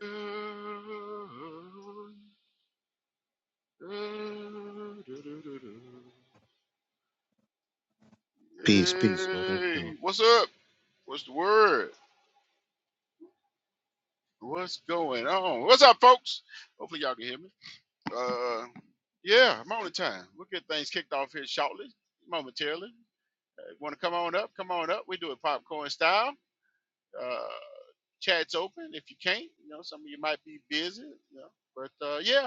Hey, Peace, peace. What up, though? what's up? What's the word? What's going on? What's up, folks? Hopefully, y'all can hear me. Uh, yeah, morning time. We'll get things kicked off here shortly, momentarily. Want to come on up? Come on up. We do it popcorn style. Uh, chat's open. If you can't, you know, some of you might be busy. You know, but uh, yeah,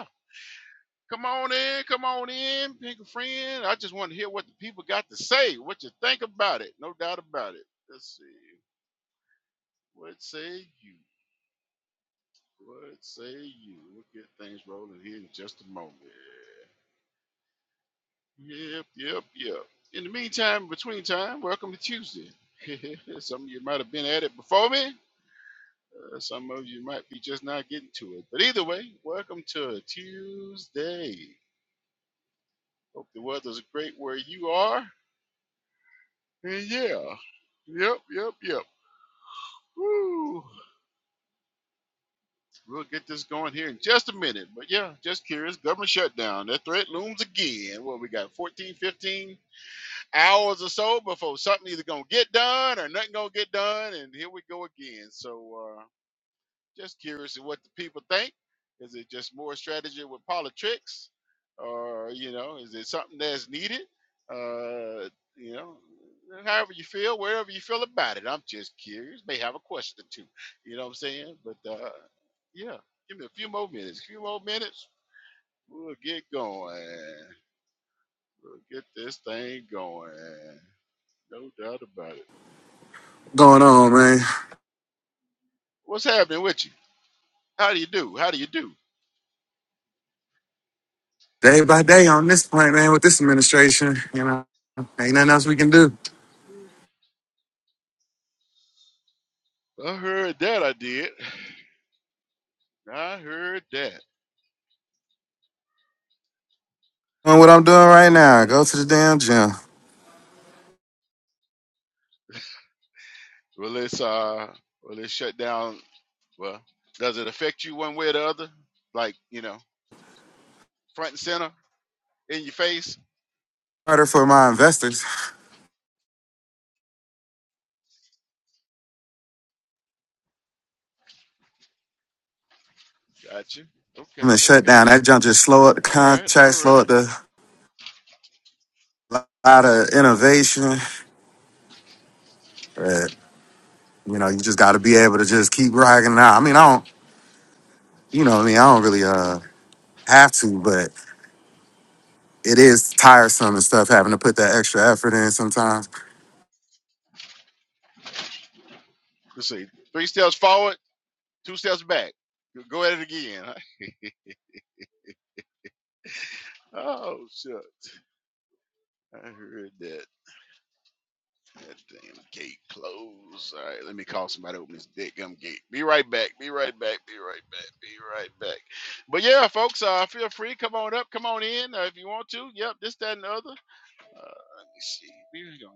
Come on in, come on in, pick a friend. I just want to hear what the people got to say, what you think about it. No doubt about it. Let's see. What say you? What say you? We'll get things rolling here in just a moment. Yep, yep, yep. In the meantime, between time, welcome to Tuesday. some of you might have been at it before me. Uh, some of you might be just not getting to it. But either way, welcome to Tuesday. Hope the weather's great where you are. And yeah. Yep, yep, yep. Woo. We'll get this going here in just a minute. But yeah, just curious. Government shutdown. That threat looms again. Well, we got 14, 15 hours or so before something either going to get done or nothing going to get done. And here we go again. So, uh, Just curious of what the people think. Is it just more strategy with politics, or you know, is it something that's needed? Uh, you know, however you feel, wherever you feel about it. I'm just curious. May have a question too. You know what I'm saying? But uh, yeah, give me a few more minutes. A few more minutes. We'll get going. We'll get this thing going. No doubt about it. going on, man. What's happening with you? How do you do? How do you do? Day by day on this point, man, with this administration, you know, ain't nothing else we can do. I heard that I did. I heard that. Doing what I'm doing I right heard now, go that. to the damn gym. Will this uh will it shut down well does it affect you one way or the other? Like, you know, front and center in your face? Harder for my investors. Gotcha. I'm Okay, gonna shut okay. down. That jump just slow up the All right, contract, all slow up right. the lot of innovation. But, you know, you just gotta be able to just keep rocking it out. I mean, I don't, you know, what I mean, I don't really uh have to, but it is tiresome and stuff having to put that extra effort in sometimes. Let's see. Three steps forward, two steps back. Go at it again. Oh shit. I heard that. That damn gate closed. All right, let me call somebody to open this dead gum gate. Be right back. Be right back. Be right back. Be right back. But yeah, folks, uh, feel free. Come on up. Come on in uh, if you want to. Yep, this, that, and the other. Uh, let me see. We gonna-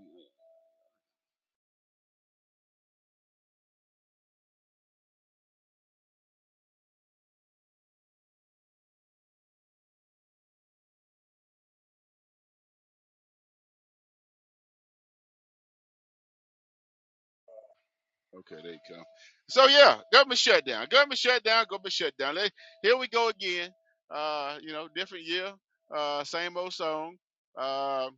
Okay, there you come. So yeah, government shutdown. Government shutdown. Government shutdown. Let, here we go again. Uh, you know, different year. Uh, same old song. Um,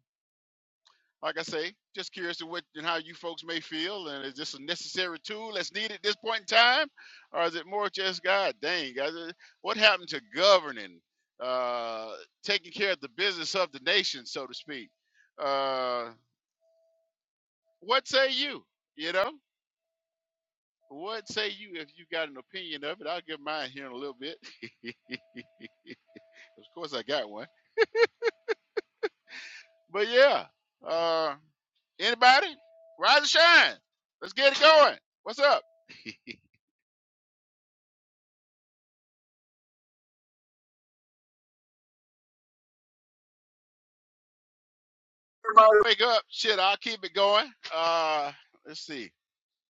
Like I say, just curious to what and how you folks may feel, and is this a necessary tool that's needed at this point in time, or is it more just God dang? guys, uh, What happened to governing, uh, taking care of the business of the nation, so to speak? Uh, what say you? You know, what say you if you got an opinion of it? I'll give mine here in a little bit. of course, I got one. But yeah, uh, anybody, rise and shine. Let's get it going. What's up? Everybody wake up. Shit, I'll keep it going. Uh, let's see.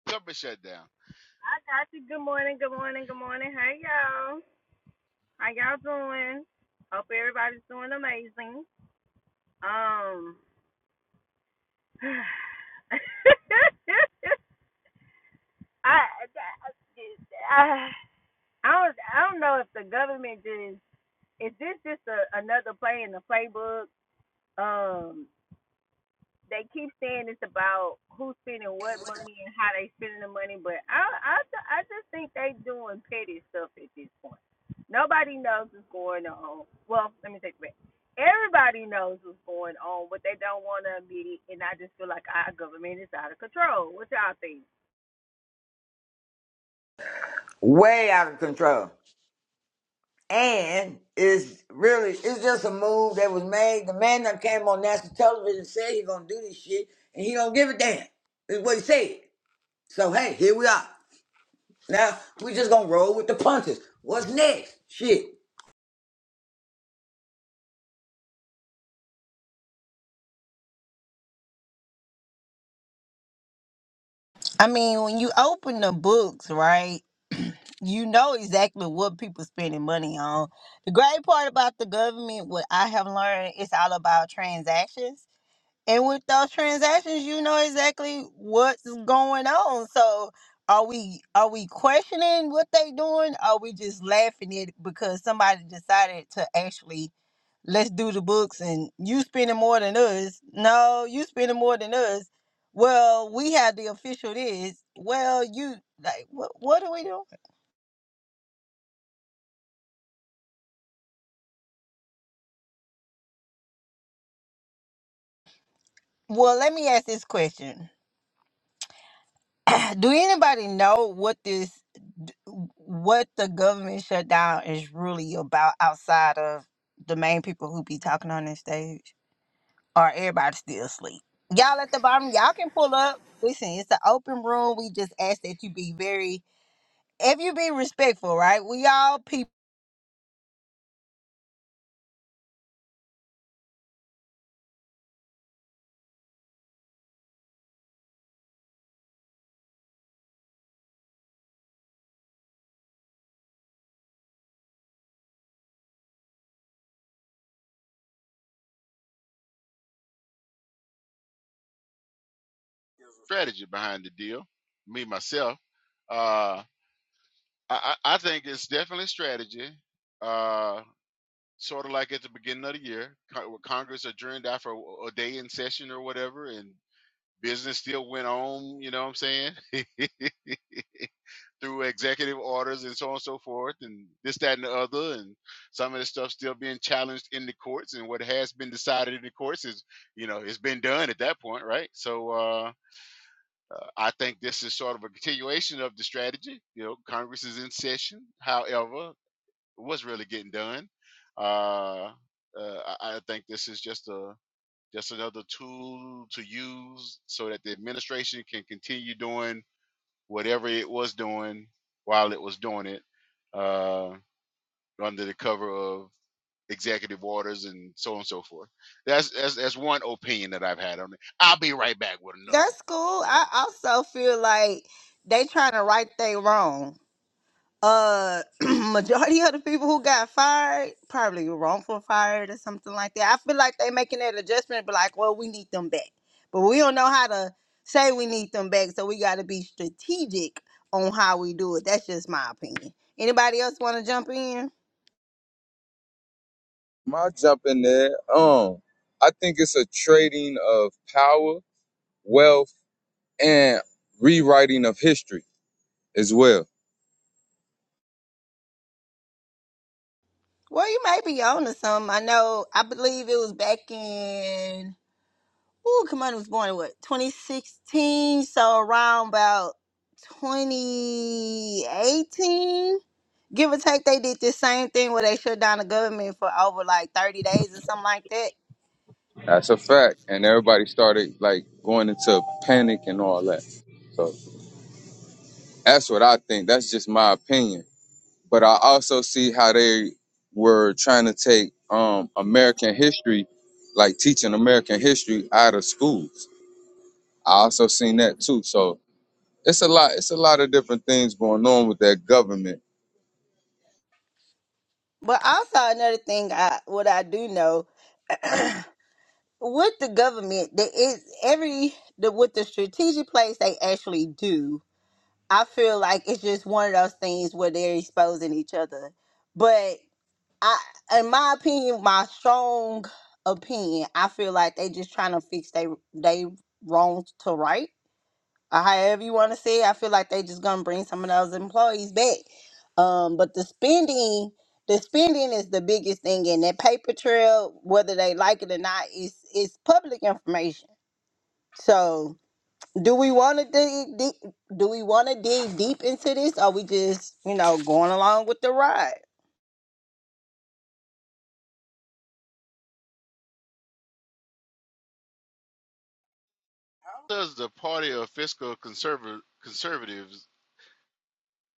Government shutdown. I got you. Good morning, good morning, good morning. Hey y'all. How y'all doing? Hope everybody's doing amazing. Um I, I I don't I don't know if the government just is this just a, another play in the playbook? Um, they keep saying it's about who's spending what money and how they spending the money, but I I I just think they doing petty stuff at this point. Nobody knows what's going on. Well, let me take it back. Everybody knows what's going on, but they don't want to admit it. And I just feel like our government is out of control. What y'all think? way out of control. And it's really it's just a move that was made. The man that came on national television and said he's gonna do this shit, and he don't give a damn. Is what he said. So hey, here we are. Now we just gonna roll with the punches. What's next? Shit. I mean, when you open the books, right, you know exactly what people spending money on. The great part about the government, what I have learned, it's all about transactions. And with those transactions, you know exactly what's going on. So are we are we questioning what they doing? Or Are we just laughing at it because somebody decided to actually let's do the books and you spending more than us? No, you spending more than us. Well, we have the official this. Well, you like what what are we doing? Well, let me ask this question. Do anybody know what this, what the government shutdown is really about outside of the main people who be talking on this stage? Or everybody still asleep? Y'all at the bottom, y'all can pull up. Listen, it's an open room. We just ask that you be very, if you be respectful, right? We all people. Strategy behind the deal. Me myself. Uh, I, I think it's definitely strategy. Uh, sort of like at the beginning of the year, co- when Congress adjourned after a day in session or whatever, and business still went on. You know what I'm saying? through executive orders and so on and so forth, and this, that, and the other, and some of the stuff still being challenged in the courts, and what has been decided in the courts is, you know, it's been done at that point, right? So uh, I think this is sort of a continuation of the strategy. You know, Congress is in session. However, what's really getting done? Uh, uh, I, I think this is just a just another tool to use so that the administration can continue doing whatever it was doing while it was doing it uh, under the cover of executive orders and so on and so forth. That's, that's that's one opinion that I've had on it. I'll be right back with another That's one. cool. You I know, also feel like they trying to right they wrong. uh majority of the people who got fired probably wrongful fired or something like that. I feel like they making that adjustment, but like, well, we need them back, but we don't know how to say we need them back, so we got to be strategic on how we do it. That's just my opinion. And then, My jump in there. Um, I think it's a trading of power, wealth, and rewriting of history as well. well, you may be on to something. I know. I believe it was back in. Ooh, Kamani was born in what 2016, so around about 2018 give or take, they did this same thing where they shut down the government for over like 30 days or something like that. That's a fact. And everybody started like going into panic and all that. So that's what I think. That's just my opinion. But I also see how they were trying to take um American history, like teaching American history out of schools. I also seen that too. So it's a lot, it's a lot of different things going on with that government But also another thing, I what I do know with the government, that is every the with the strategic place they actually do. I feel like it's just one of those things where they're exposing each other. But I, in my opinion, my strong opinion, I feel like they just trying to fix they they wrong to right or however you want to say it, I feel like they just gonna bring some of those employees back. Um, but the spending, the spending is the biggest thing, and that paper trail, whether they like it or not, is is public information. So, do we want to dig deep? Do we want to dig deep into this, or we just you know going along with the ride? How does the party of fiscal conserva- conservatives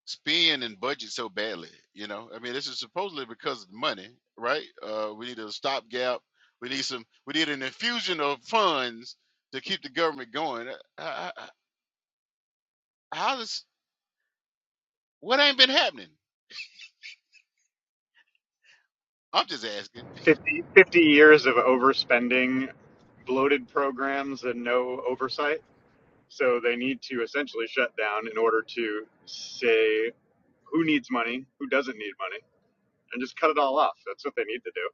spend and budget so badly? You know, I mean, this is supposedly because of the money, right? Uh, we need a stopgap. We need some. We need an infusion of funds to keep the government going. Uh, How does what ain't been happening? I'm just asking. 50, fifty years of overspending, bloated programs, and no oversight. So they need to essentially shut down in order to say who needs money, who doesn't need money, and just cut it all off. That's what they need to do.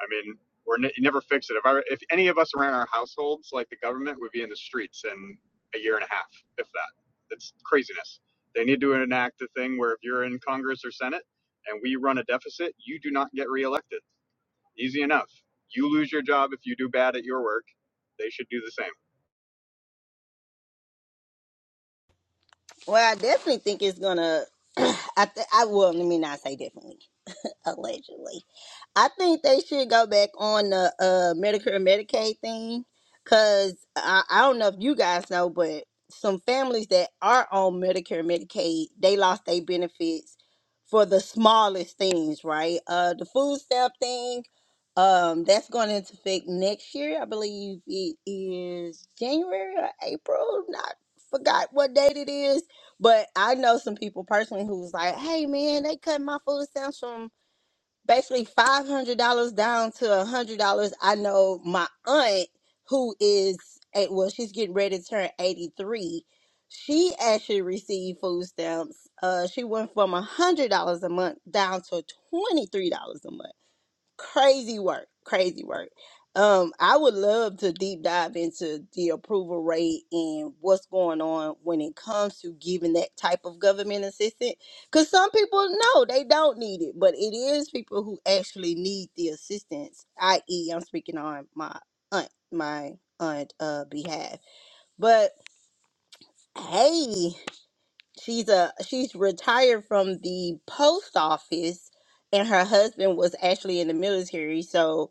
I mean, we're ne- you never fix it. If I, if any of us ran our households like the government, would be in the streets in a year and a half, if that. It's craziness. They need to enact a thing where if you're in Congress or Senate and we run a deficit, you do not get reelected Easy enough. You lose your job if you do bad at your work. They should do the same. Well, I definitely think it's gonna. I th- I will. Let me not say definitely. Allegedly, I think they should go back on the uh Medicare and Medicaid thing because I, I don't know if you guys know, but some families that are on Medicare and Medicaid, they lost their benefits for the smallest things, right? Uh the food stamp thing, um, that's going into effect next year. I believe it is January or April. Not forgot what date it is. But I know some people personally who was like, hey man, they cut my food stamps from basically five hundred dollars down to a hundred dollars. I know my aunt who is eight well, she's getting ready to turn eighty three. She actually received food stamps. Uh, she went from a hundred dollars a month down to twenty three dollars a month crazy work crazy work um i would love to deep dive into the approval rate and what's going on when it comes to giving that type of government assistance because some people know they don't need it but it is people who actually need the assistance i.e i'm speaking on my aunt my aunt uh behalf but hey she's a she's retired from the post office and her husband was actually in the military so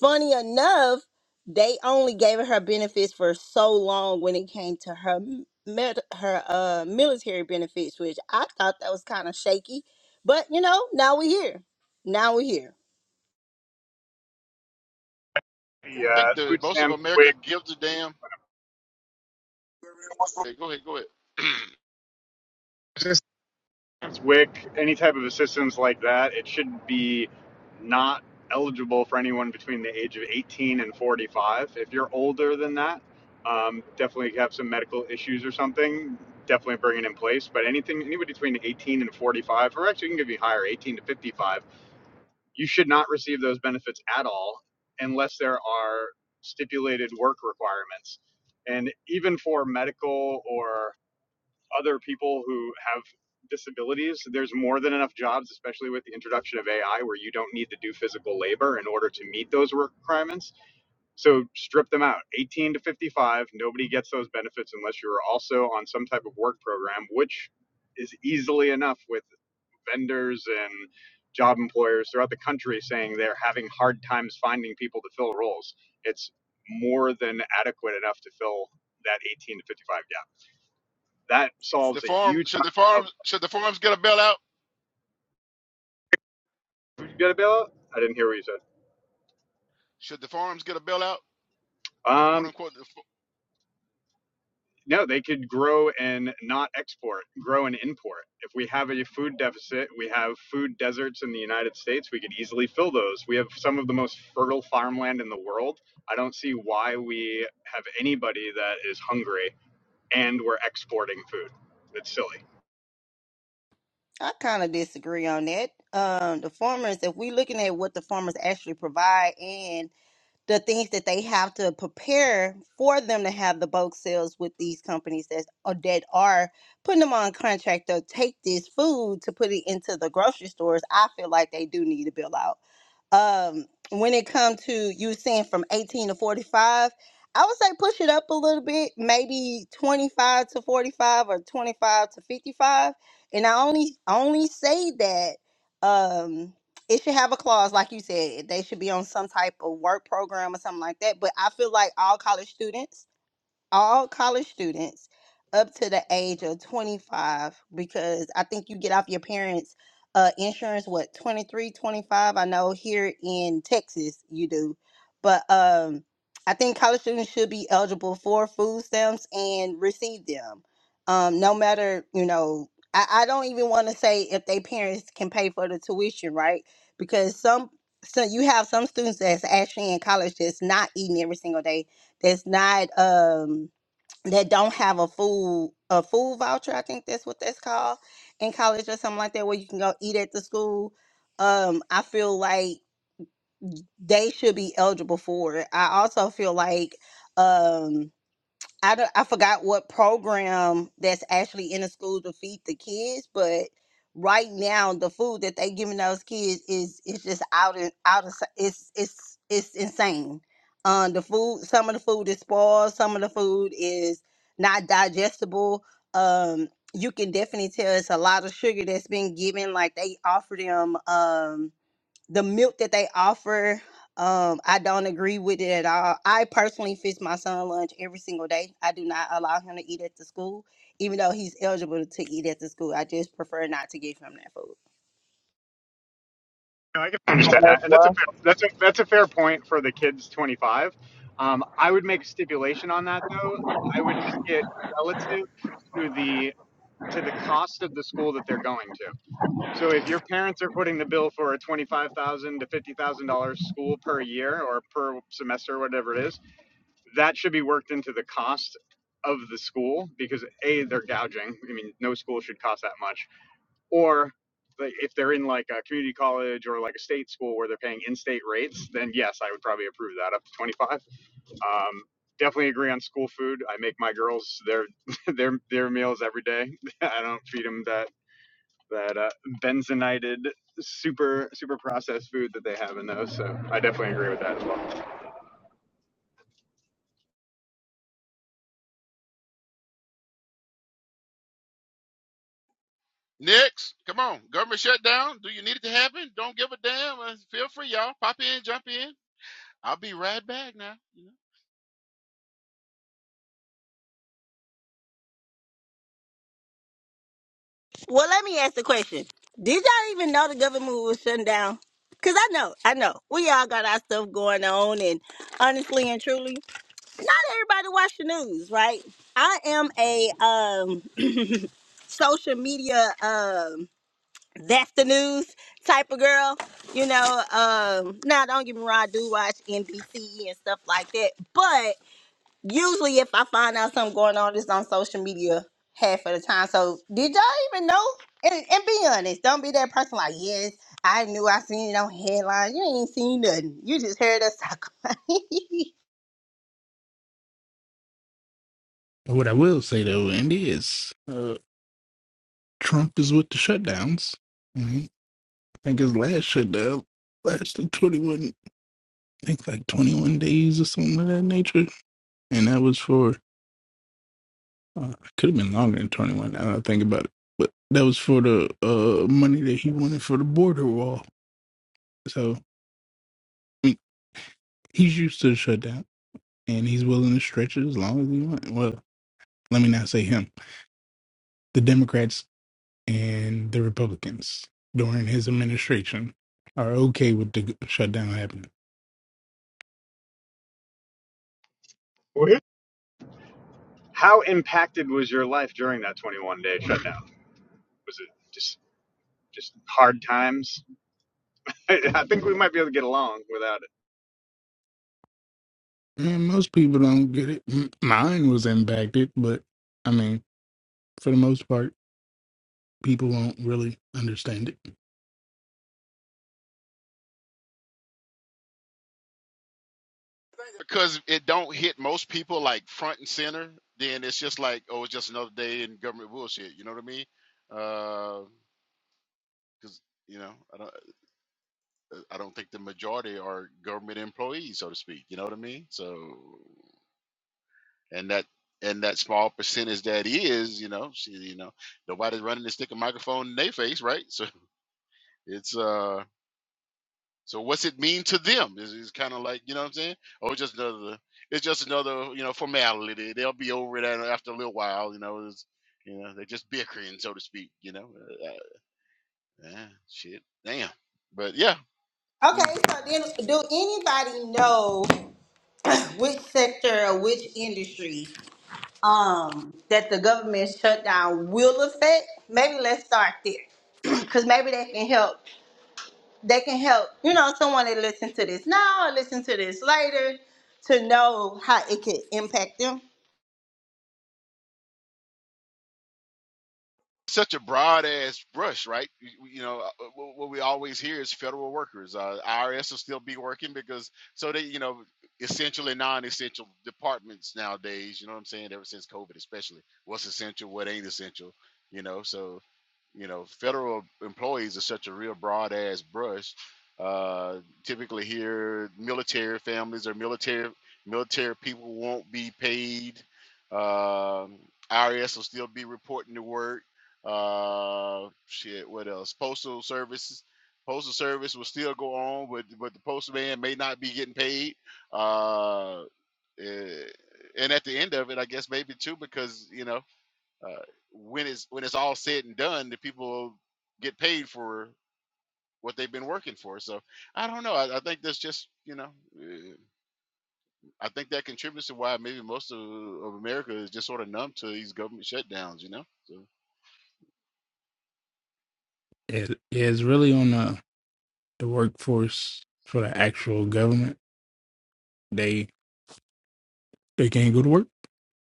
funny enough they only gave her benefits for so long when it came to her m- med- her uh military benefits which i thought that was kind of shaky but you know now we're here now we're here I The think uh, the food most of stamp, America WIC, gives a damn. Okay, go ahead, go ahead. assistance, WIC, any type of assistance like that, it should be not eligible for anyone between the age of 18 and 45. If you're older than that, um, definitely have some medical issues or something. Definitely bring it in place. But anything, anybody between 18 and 45, or actually, you can give you higher, 18 to 55 you should not receive those benefits at all unless there are stipulated work requirements. And even for medical or other people who have disabilities, there's more than enough jobs, especially with the introduction of AI, where you don't need to do physical labor in order to meet those work requirements. So strip them out. 18 to 55, nobody gets those benefits unless you're also on some type of work program, which is easily enough with vendors and job employers throughout the country saying they're having hard times finding people to fill roles. It's more than adequate enough to fill that 18 to 55 gap. That the solves a farm huge should the amount farms should the farms get a bailout? of. Did You got a bailout? I didn't hear what you said. Should the farms get a bailout? Quote Um, unquote. The, fa- no, they could grow and not export, grow and import. If we have a food deficit, we have food deserts in the United States, we could easily fill those. We have some of the most fertile farmland in the world. I don't see why we have anybody that is hungry and we're exporting food. It's silly. i kind of disagree on that um the farmers if we looking at what the farmers actually provide the things that they have to prepare for them to have the bulk sales with these companies that are, that are putting them on contract to take this food to put it into the grocery stores. I feel like they do need to bill out. Um, when it comes to you saying from 18 to 45, I would say push it up a little bit, maybe 25 to 45 or 25 to 55. And I only only say that um, it should have a clause like you said they should be on some type of work program or something like that but i feel like all college students all college students up to the age of 25 because I think you get off your parents' uh, insurance, what, 23, 25? I know here in Texas you do. But um, I think college students should be eligible for food stamps and receive them. Um, no matter, you know, I, I don't even want to say if they parents can pay for the tuition, right? Because some, so you have some students that's actually in college that's not eating every single day that's not um that don't have a food a food voucher. I think that's what that's called in college or something like that, where you can go eat at the school. Um, I feel like they should be eligible for it. I also feel like um I don't, I forgot what program that's actually in the school to feed the kids, but right now the food that they giving those kids is it's just out and out of it's it's it's insane. Um, the food, some of the food is spoiled, some of the food is not digestible. Um, you can definitely tell it's a lot of sugar that's been given. Like they offer them. um the milk that they offer um i don't agree with it at all i personally fix my son lunch every single day i do not allow him to eat at the school even though he's eligible to eat at the school i just prefer not to give him that food No, I can understand that, and that's a fair, that's a that's a fair point for the kids twenty five. Um, I would make a stipulation on that though. I would make it relative to the to the cost of the school that they're going to. So if your parents are putting the bill for a twenty five thousand dollars to fifty thousand dollars school per year or per semester, whatever it is, that should be worked into the cost of the school because a they're gouging. I mean, no school should cost that much or like, if they're in like a community college or like a state school where they're paying in-state rates, then yes, I would probably approve that up to 25. Um, definitely agree on school food. I make my girls their their their meals every day. I don't feed them that that uh, benzenited super super processed food that they have in those. So I definitely agree with that as well. Next, come on, government shutdown. Do you need it to happen? Don't give a damn. Uh, Feel free, y'all. Pop in, jump in. I'll be right back now. You know? well let me ask the question did y'all even know the government was shutting down because i know i know we all got our stuff going on and honestly and truly not everybody watch the news, right? I am a um social media um that's the news type of girl, you know. Um now don't get me wrong, I do watch NBC and stuff like that. But usually if I find out something going on, it's on social media half of the time. So did y'all even know? And, and be honest, don't be that person like, yes, I knew I seen it on headlines. You ain't seen nothing. You just heard us talk. What I will say though, Andy, is uh, Trump is with the shutdowns. Mhm. I think his last shutdown lasted 21, I think like 21 days or something of that nature. And that was for, uh, it could have been longer than 21 now that I think about it. But that was for the uh, money that he wanted for the border wall. So I mean, he's used to the shutdown and he's willing to stretch it as long as he wants. Well, let me not say him. The Democrats and the Republicans during his administration are okay with the shutdown happening. How impacted was your life during that 21 day shutdown? Was it just just hard times? I, I think we might be able to get along without it. And most people don't get it. M- Mine was impacted, but I mean, for the most part, people won't really understand it. Because it don't hit most people like front and center. Then it's just like, oh, it's just another day in government bullshit. You know what I mean? Because you know, I don't. uh, I don't think the majority are government employees, so to speak. You know what I mean? So, and that and that small percentage that is, you know, she, you know, nobody's running to stick a microphone in their face, right? So it's uh, so what's it mean to them? Is it's kind of like you know what I'm saying? Oh, just another, it's just another, you know, formality. They'll be over that after a little while, you know. It's, you know, they're just bickering, so to speak. You know, uh, uh, yeah, shit, damn. But yeah, Okay, so then do anybody know which sector or which industry um that the government shutdown will affect? Maybe let's start there. Cause maybe they can help they can help, you know, someone that listen to this now or listen to this later to know how it could impact them. such a broad ass brush, right? You, you know, uh, wh- what we always hear is federal workers. Uh, IRS will still be working because so they, you know, essential and non-essential departments nowadays. You know what I'm saying? Ever since COVID, especially, what's essential, what ain't essential, you know. So you know, federal employees are such a real broad ass brush. Uh, typically, here military families or military military people won't be paid. Um IRS will still be reporting to work. Uh, shit, what else? Postal services. Postal service will still go on, but but the postman may not be getting paid. Uh, eh, and at the end of it, I guess maybe too, because you know. Uh, when it's when it's all said and done, the people will get paid for what they've been working for. So I don't know. I, I think that's just you know, uh, I think that contributes to why maybe most of, of America is just sort of numb to these government shutdowns. You know. So It is really on the, the workforce for the actual government. They they can't go to work,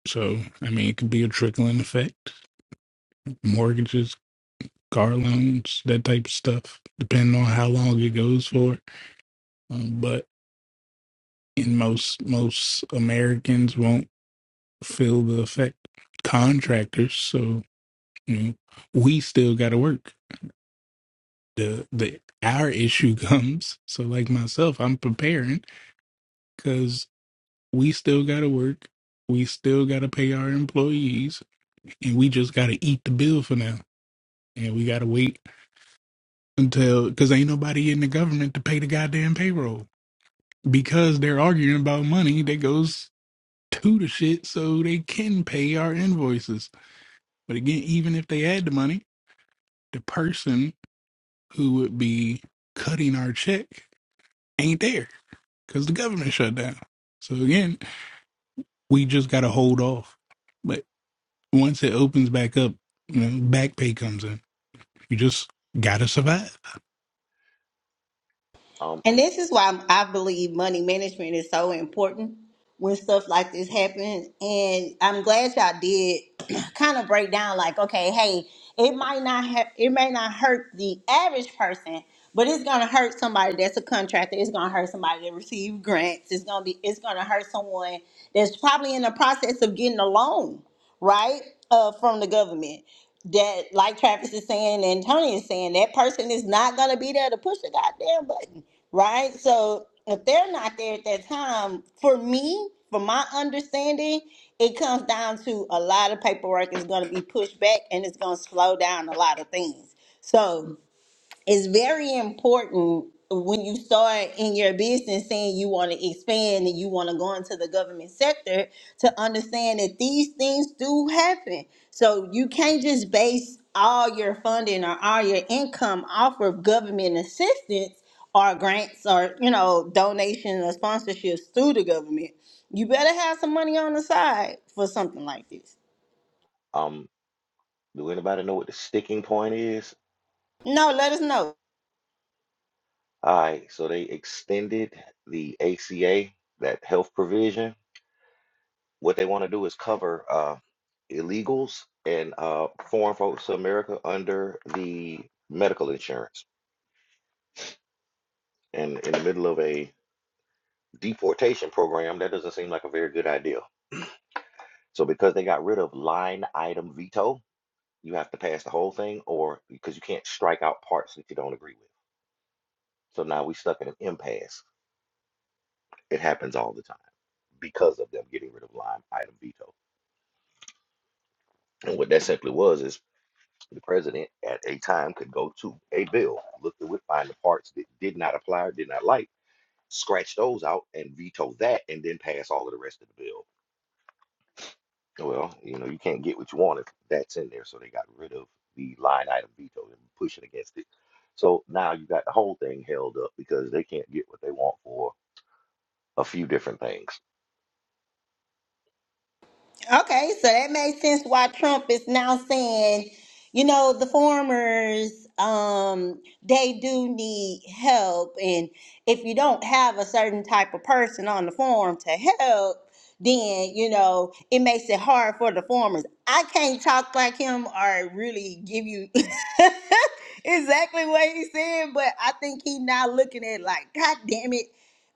so I mean, it could be a trickling effect. Mortgages, car loans, that type of stuff, depending on how long it goes for. Um, but and most most Americans won't feel the effect. Contractors, so you know, we still got to work. The the our issue comes. So like myself, I'm preparing because we still got to work. We still got to pay our employees, and we just got to eat the bill for now. And we got to wait until because ain't nobody in the government to pay the goddamn payroll because they're arguing about money that goes to the shit so they can pay our invoices But again, even if they had the money, the person who would be cutting our check ain't there because the government shut down. So again, we just got to hold off. But once it opens back up, you know, back pay comes in. You just got to survive. Um, And this is why I believe money management is so important when stuff like this happens. And I'm glad y'all did kind of break down like, okay, hey, it might not have, it may not hurt the average person, but it's gonna hurt somebody that's a contractor. It's gonna hurt somebody that received grants. It's gonna be, it's gonna hurt someone that's probably in the process of getting a loan, right, uh, from the government that like Travis is saying and Tony is saying, that person is not gonna be there to push the goddamn button right? So if they're not there at that time, for me, from my understanding, it comes down to a lot of paperwork is going to be pushed back and it's going to slow down a lot of things. So it's very important when you start in your business saying you want to expand and you want to go into the government sector to understand that these things do happen. So you can't just base all your funding or all your income off of government assistance or grants or you know donations or sponsorships through the government. You better have some money on the side for something like this. um, do anybody know what the sticking point is? No, let us know. All right, so they extended the ACA, that health provision. What they want to do is cover uh, illegals and uh, foreign folks to America under the medical insurance. And in the middle of a deportation program, that doesn't seem like a very good idea. So because they got rid of line item veto, you have to pass the whole thing, or because you can't strike out parts that you don't agree with. So now we stuck in an impasse. It happens all the time because of them getting rid of line item veto. And what that simply was is the president at a time could go to a bill, look through it, find the parts that did not apply or did not like, scratch those out and veto that, and then pass all of the rest of the bill. Well, you know, you can't get what you want if that's in there. So they got rid of the line item veto and pushing against it. So now you got the whole thing held up because they can't get what they want for a few different things. Okay, so that makes sense why Trump is now saying, you know, the farmers, um, they do need help. And if you don't have a certain type of person on the farm to help, then, you know, it makes it hard for the farmers. I can't talk like him or really give you exactly what he said, but I think he now looking at it like, God damn it,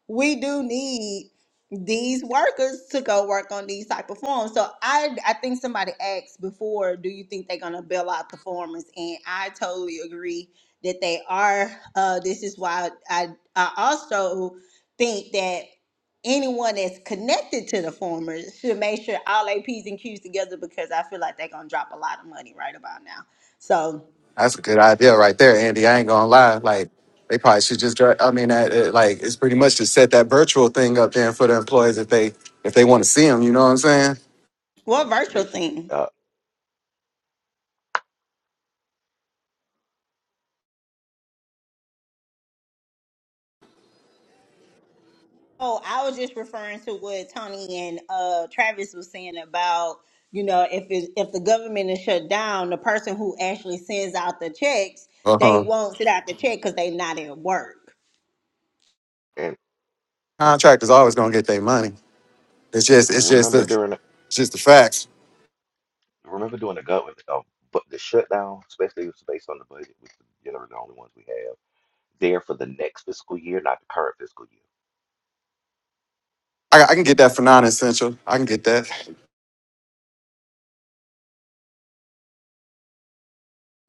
we do need these workers to go work on these type of farms. So I I think somebody asked before, do you think they're gonna bail out the farmers? And I totally agree that they are. Uh, this is why I I also think that anyone that's connected to the farmers should make sure all their P's and Q's together because I feel like they're gonna drop a lot of money right about now. So That's a good idea right there, Andy. I ain't gonna lie. Like they probably should just. dra- I mean, that, it, like it's pretty much to set that virtual thing up then for the employees if they if they want to see them. You know what I'm saying? what Um, they virtual should, thing? uh, Oh, I was just referring to what Tony and uh, Travis was saying about you know if it, if the government is shut down, the person who actually sends out the checks Uh they huh. won't send out the check because they're not at work. and Contractors always gonna get their money. It's just it's just remember the during it's just the facts. remember doing the government, uh, but the shutdown, especially it was based on the budget, which is generally the only ones we have there for the next fiscal year, not the current fiscal year. I, I can get that for non-essential. I can get that.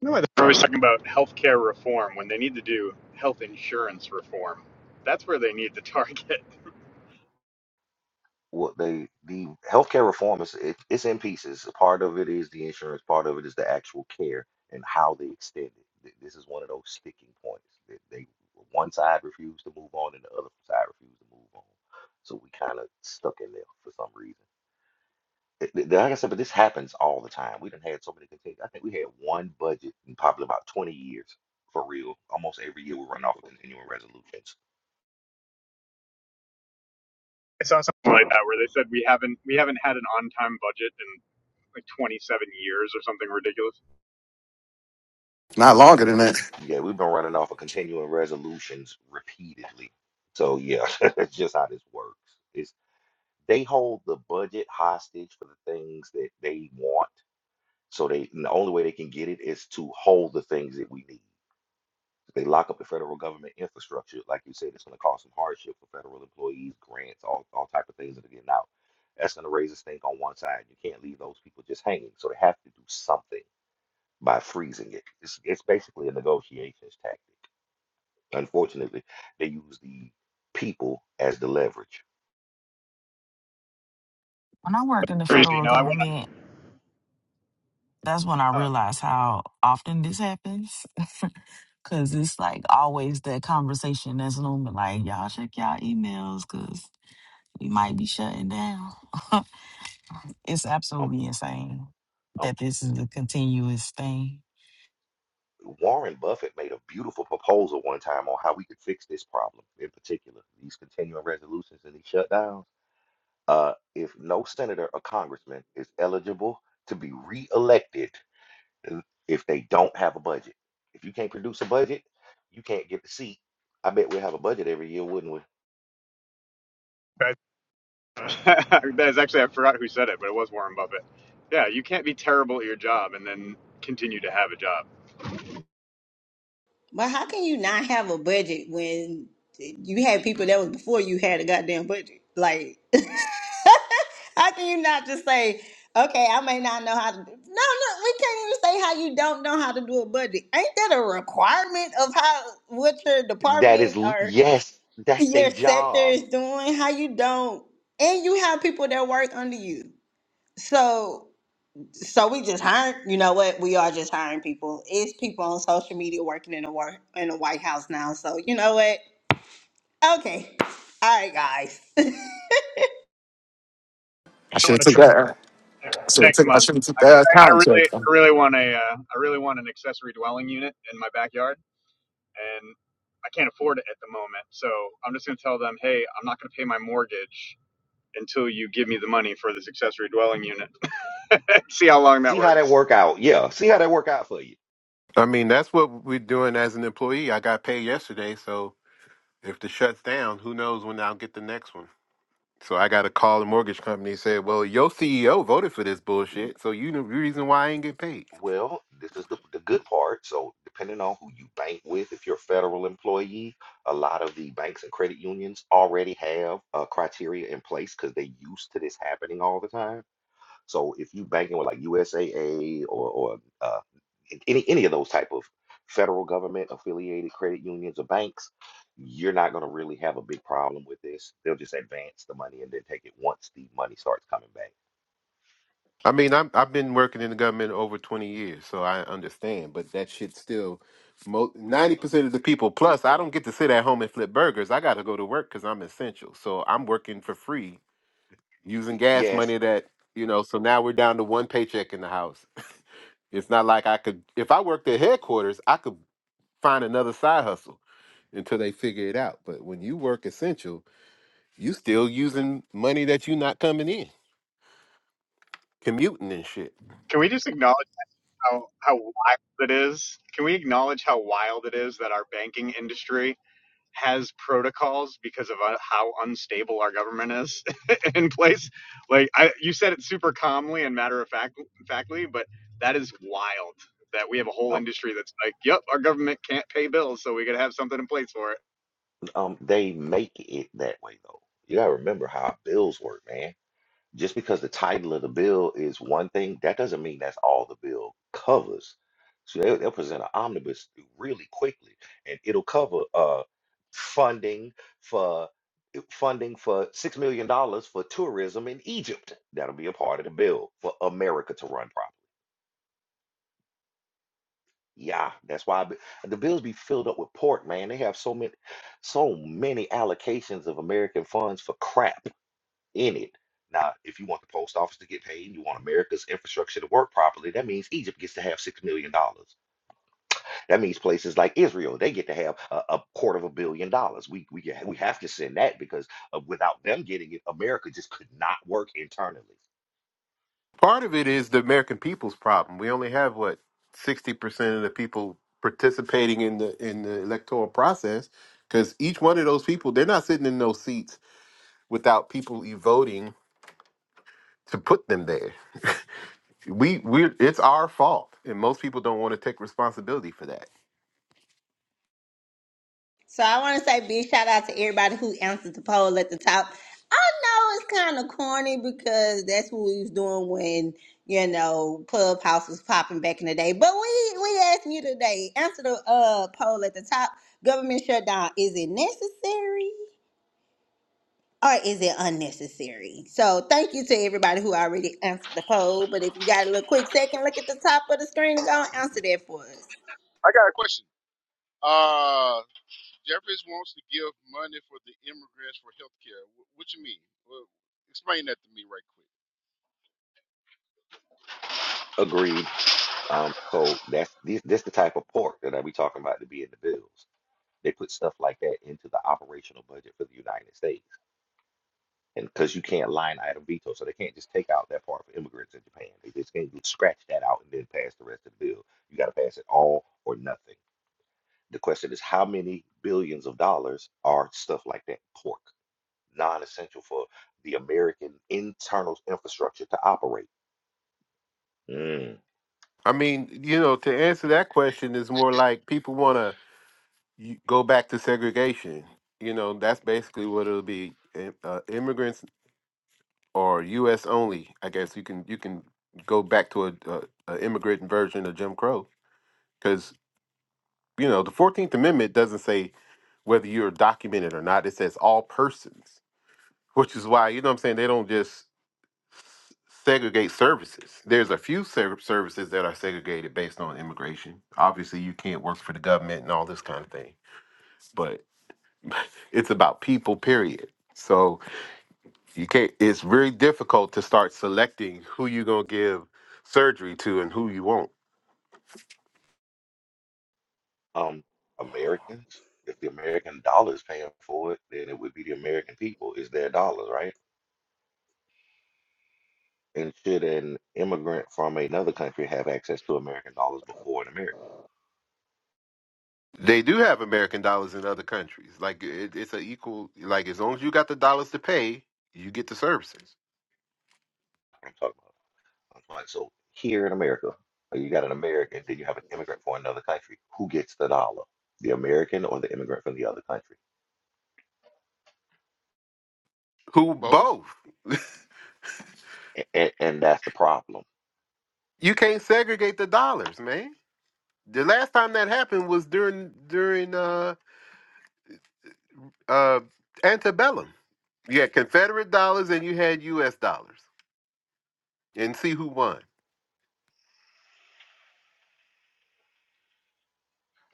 No, they're always talking about healthcare reform when they need to do health insurance reform. That's where they need to target. Well, they the healthcare reform is it, it's in pieces. A part of it is the insurance, part of it is the actual care and how they extend it. Th- This is one of those sticking points that they one side refused to move on and the other side refused to move on. So we kind of stuck in there for some reason. th- th- like I said, but this happens all the time. We done had so many contagions. I think we had one budget in probably about 20 years for real. Almost every year we run off of continuing resolutions. I saw something like that where they said we haven't we haven't had an on time budget in like 27 years or something ridiculous. Not longer than that. Yeah, we've been running off of continuing resolutions repeatedly. So yeah, that's just how this works. Is they hold the budget hostage for the things that they want. So they and the only way they can get it is to hold the things that we need. If they lock up the federal government infrastructure, like you said, it's going to cause some hardship for federal employees, grants, all, all type of things that are getting out. That's going to raise a stink on one side. You can't leave those people just hanging. So they have to do something by freezing it. It's, it's basically a negotiations tactic. Unfortunately, they use the people as the leverage. When I worked in the Crazy. federal No, I want. government, that's when I Oh, realized how often this happens. Cause it's like always that conversation that's looming, like y'all check y'all emails, cause we might be shutting down. it's Um, absolutely insane um, that this is a continuous thing. Warren Buffett made a beautiful proposal one time on how we could fix this problem in particular, these continuing resolutions and these shutdowns uh, if no senator or congressman is eligible to be reelected n- if they don't have a budget. If you can't produce a budget, you can't get the seat. I bet we'll have a budget every year, wouldn't we? that is actually I forgot who said it, but it was Warren Buffett. Yeah, you can't be terrible at your job and then continue to have a job. But how can you not have a budget when you had people that was before you had a goddamn budget? Like, how can you not just say, okay, I may not know how to do No, no, we can't even say how you don't know how to do a budget. Ain't that a requirement of how what your That is, department l- or yes, that's their your sector job. is doing? How you don't and you have people that work under you. So so we just hired. You know what? We are just hiring people. It's people on social media working in the work in the White House now. So you know what? Okay, all right, guys. I I should have want to took try that. I should have next took. I month. should have took I, can, that I accounting check. really, I really want a, uh, I really want an accessory dwelling unit in my backyard and I can't afford it at the moment. So I'm just going to tell them, hey, I'm not going to pay my mortgage until you give me the money for this accessory dwelling unit. See how Y- long that See how that works. work out? Yeah, see how that work out for you. I mean, that's what we're doing as an employee. I got paid yesterday, so if the shuts down, who knows when I'll get the next one. So I got to call the mortgage company and say, "Well, your CEO voted for this bullshit, so you the reason why I ain't get paid." Well, this is the, the good part. So, depending on who you bank with, if you're a federal employee, a lot of the banks and credit unions already have uh, criteria in place because they are used to this happening all the time. So, if you banking with like USAA or, or uh, a- any any of those type of federal government affiliated credit unions or banks, you're not going to really have a big problem with this. They'll just advance the money and then take it once the money starts coming back. I mean, I'm, I've been working in the government over 20 years, so I understand, but that shit still, 90% of the people, plus I don't get to sit at home and flip burgers. I got to go to work because I'm essential. So I'm working for free using Y- gas Yes. money that, you know, so now we're down to one paycheck in the house. it's not like I could, if I worked at headquarters, I could find another side hustle until they figure it out. But when you work essential, you still using money that you not coming in, commuting and shit. Can we just acknowledge how, how wild it is? Can we acknowledge how wild it is that our banking industry has protocols because of uh, how unstable our government is in place. Like I, you said it super calmly and matter of fact, factly, but that is wild that we have a whole industry that's like, yep, our government can't pay bills, so we got to have something in place for it. Um, they make it that way though. You gotta remember how bills work, man. Just because the title of the bill is one thing, that doesn't mean that's all the bill covers. So they, they'll present an omnibus really quickly, and it'll cover uh funding for funding for six million dollars for tourism in Egypt. That'll be a part of the bill for America to run properly. Yeah, that's why I the bills be filled up with pork, man. They have so many, so many allocations of American funds for crap in it. Now, if you want the post office to get paid, you want America's infrastructure to work properly, that means Egypt gets to have $6 million. dollars. That means places like Israel, they get to have a, a quarter of a billion dollars. We, we, we have to send that because uh, without them getting it, America just could not work internally. Part of it is the American people's problem. We only have what sixty percent of the people participating in the in the electoral process because each one of those people they're not sitting in those seats without people e- voting to put them there. We we it's our fault, and most people don't want to take responsibility for that. so I want to say big shout out to everybody who answered the poll at the top. I know it's kind of corny because that's what we was doing when you know Clubhouse was popping back in the day. But we we asking you today. Answer the uh poll at the top. Government shutdown is it necessary? or is it unnecessary? So thank you to everybody who already answered the poll. But if you got a little quick second, look at the top of the screen and go and answer that for us. I got a question. Uh, Jeffries wants to give money for the immigrants for health care. What you mean? Well, explain that to me right quick. Agreed. Um, so that's this, this the type of pork that I be talking about to be in the bills. They put stuff like that into the operational budget for the United States. And because you can't line item veto, so they can't just take out that part for immigrants in Japan. They just can't just scratch that out and then pass the rest of the bill. You got to pass it all or nothing. The question is, how many billions of dollars are stuff like that? Pork, non-essential for the American internal infrastructure to operate. Mm. I mean, you know, to answer that question is more like people want to go back to segregation. You know, that's basically what it'll be. Im- Uh, immigrants or U.S. only. I guess you can you can go back to a, a, a immigrant version of Jim Crow because you know the Fourteenth Amendment doesn't say whether you're documented or not. It says all persons, which is why you know what I'm saying they don't just segregate services. There's a few ser- services that are segregated based on immigration. Obviously, you can't work for the government and all this kind of thing, but it's about people. Period. So you can't. It's very difficult to start selecting who you're gonna give surgery to and who you won't Um, Americans, if the American dollar is paying for it, then it would be the American people. It's their dollars, right? And should an immigrant from another country have access to American dollars before an American? They do have American dollars in other countries. Like it, it's an equal. Like as long as you got the dollars to pay, you get the services. I'm talking about. I'm talking about, so here in America, uh, you got an American, then you have an immigrant from another country. Who gets the dollar? The American or the immigrant from the other country? Who both. both? And, and that's the problem. You can't segregate the dollars, man. The last time that happened was during during uh uh antebellum. You had Confederate dollars and you had U.S. dollars, and see who won.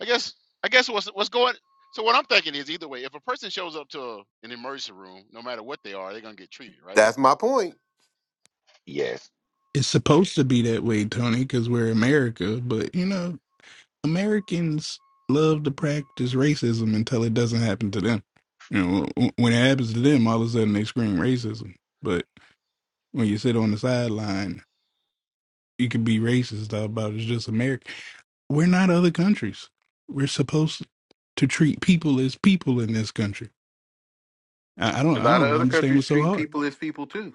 I guess I guess what's what's going so what I'm thinking is either way, if a person shows up to a, an emergency room, no matter what they are, they're gonna get treated, right? That's my point. Yes. It's supposed to be that way, Tony, because we're America. But, you know, Americans love to practice racism until it doesn't happen to them. You know, wh- when it happens to them, all of a sudden they scream racism. But when you sit on the sideline you can be racist about it. it's just America. We're not other countries. We're supposed to treat people as people in this country. I, I A don't I lot of don't other understand countries what's so treat hard. people as people too.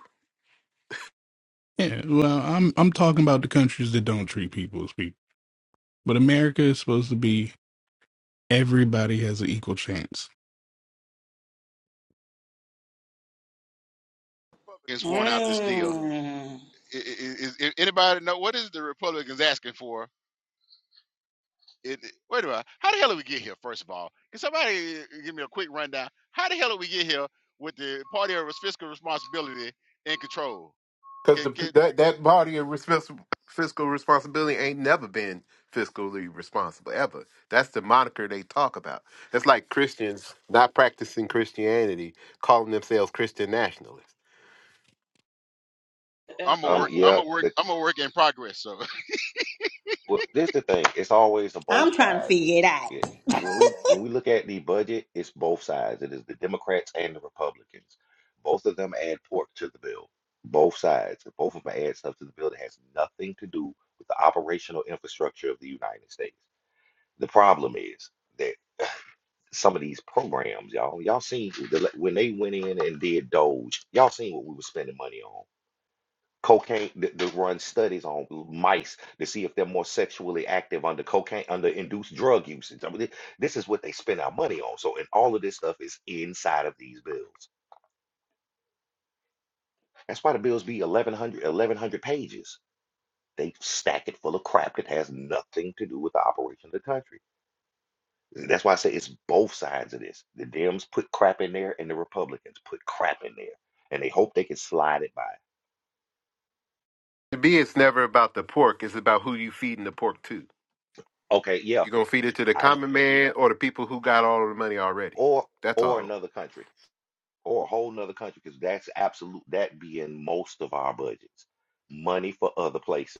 Yeah, well, I'm I'm talking about the countries that don't treat people as people. But America is supposed to be everybody has an equal chance. It's worn out this deal. Mm, I- i- Is, is anybody know what is the Republicans asking for? It, it- wait a minute, how the hell did we get here? First of all, can somebody uh, give me a quick rundown? How the hell did we get here with the party of fiscal responsibility and control? Because Get the get. that that body of respons- fiscal responsibility ain't never been fiscally responsible ever. That's the moniker they talk about. That's like Christians not practicing Christianity, calling themselves Christian nationalists. Um, Um. I'm a not work. what. I'm Yeah. a work. The, I'm a work in progress. So well, this the thing. It's always a I'm both trying to sides. figure it out. Yeah. When we when we look at the budget, it's both sides. It is the Democrats and the Republicans. Both of them add pork to the bill. Both sides. Both of them add stuff to the bill that has nothing to do with the operational infrastructure of the United States. The problem is that some of these programs, y'all, y'all seen the, le- when they went in and did Doge, y'all seen what we were spending money on. Cocaine, th- they run studies on mice to see if they're more sexually active under cocaine, under induced drug usage. I mean, thi- this is what they spend our money on. So, and all of this stuff is inside of these bills. That's why the bills be 1,100, 1,100 pages. They stack it full of crap that has nothing to do with the operation of the country. That's why I say it's both sides of this. The Dems put crap in there, and the Republicans put crap in there, and they hope they can slide it by. To be, it's never about the pork. It's about who you feeding the pork to. Okay, yeah, You gonna feed it to the I common man or the people who got all of the money already. or That's or all. another country or a whole nother country because that's absolute that being most of our budgets, money for other places.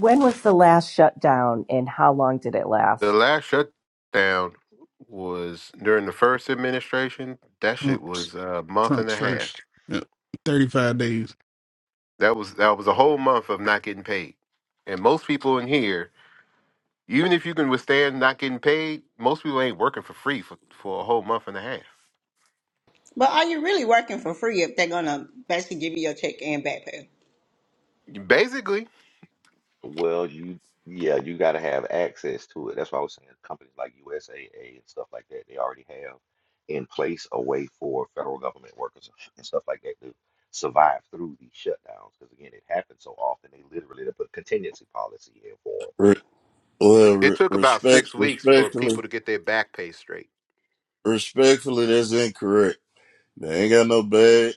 When was the last shutdown and how long did it The last? last shutdown was during the first administration. That shit Trump's was a month and Trump's a half. first uh, 35 days That was that was a whole month of not getting paid. And most people in here, even if you can withstand not getting paid, most people ain't working for free for, for a whole month and a half. But are you really working for free if they're gonna basically give you your check and back pay? Basically, Well, you yeah, you got to have access to it. That's why I was saying companies like USAA and stuff like that, they already have in place a way for federal government workers and stuff like that to survive through these shutdowns. Because again, it happens so often, they literally they put contingency policy in for 'em. Re- well, it re- took about respect, six weeks for people respectfully, to get their back pay straight. respectfully, that's incorrect. They ain't got no bad.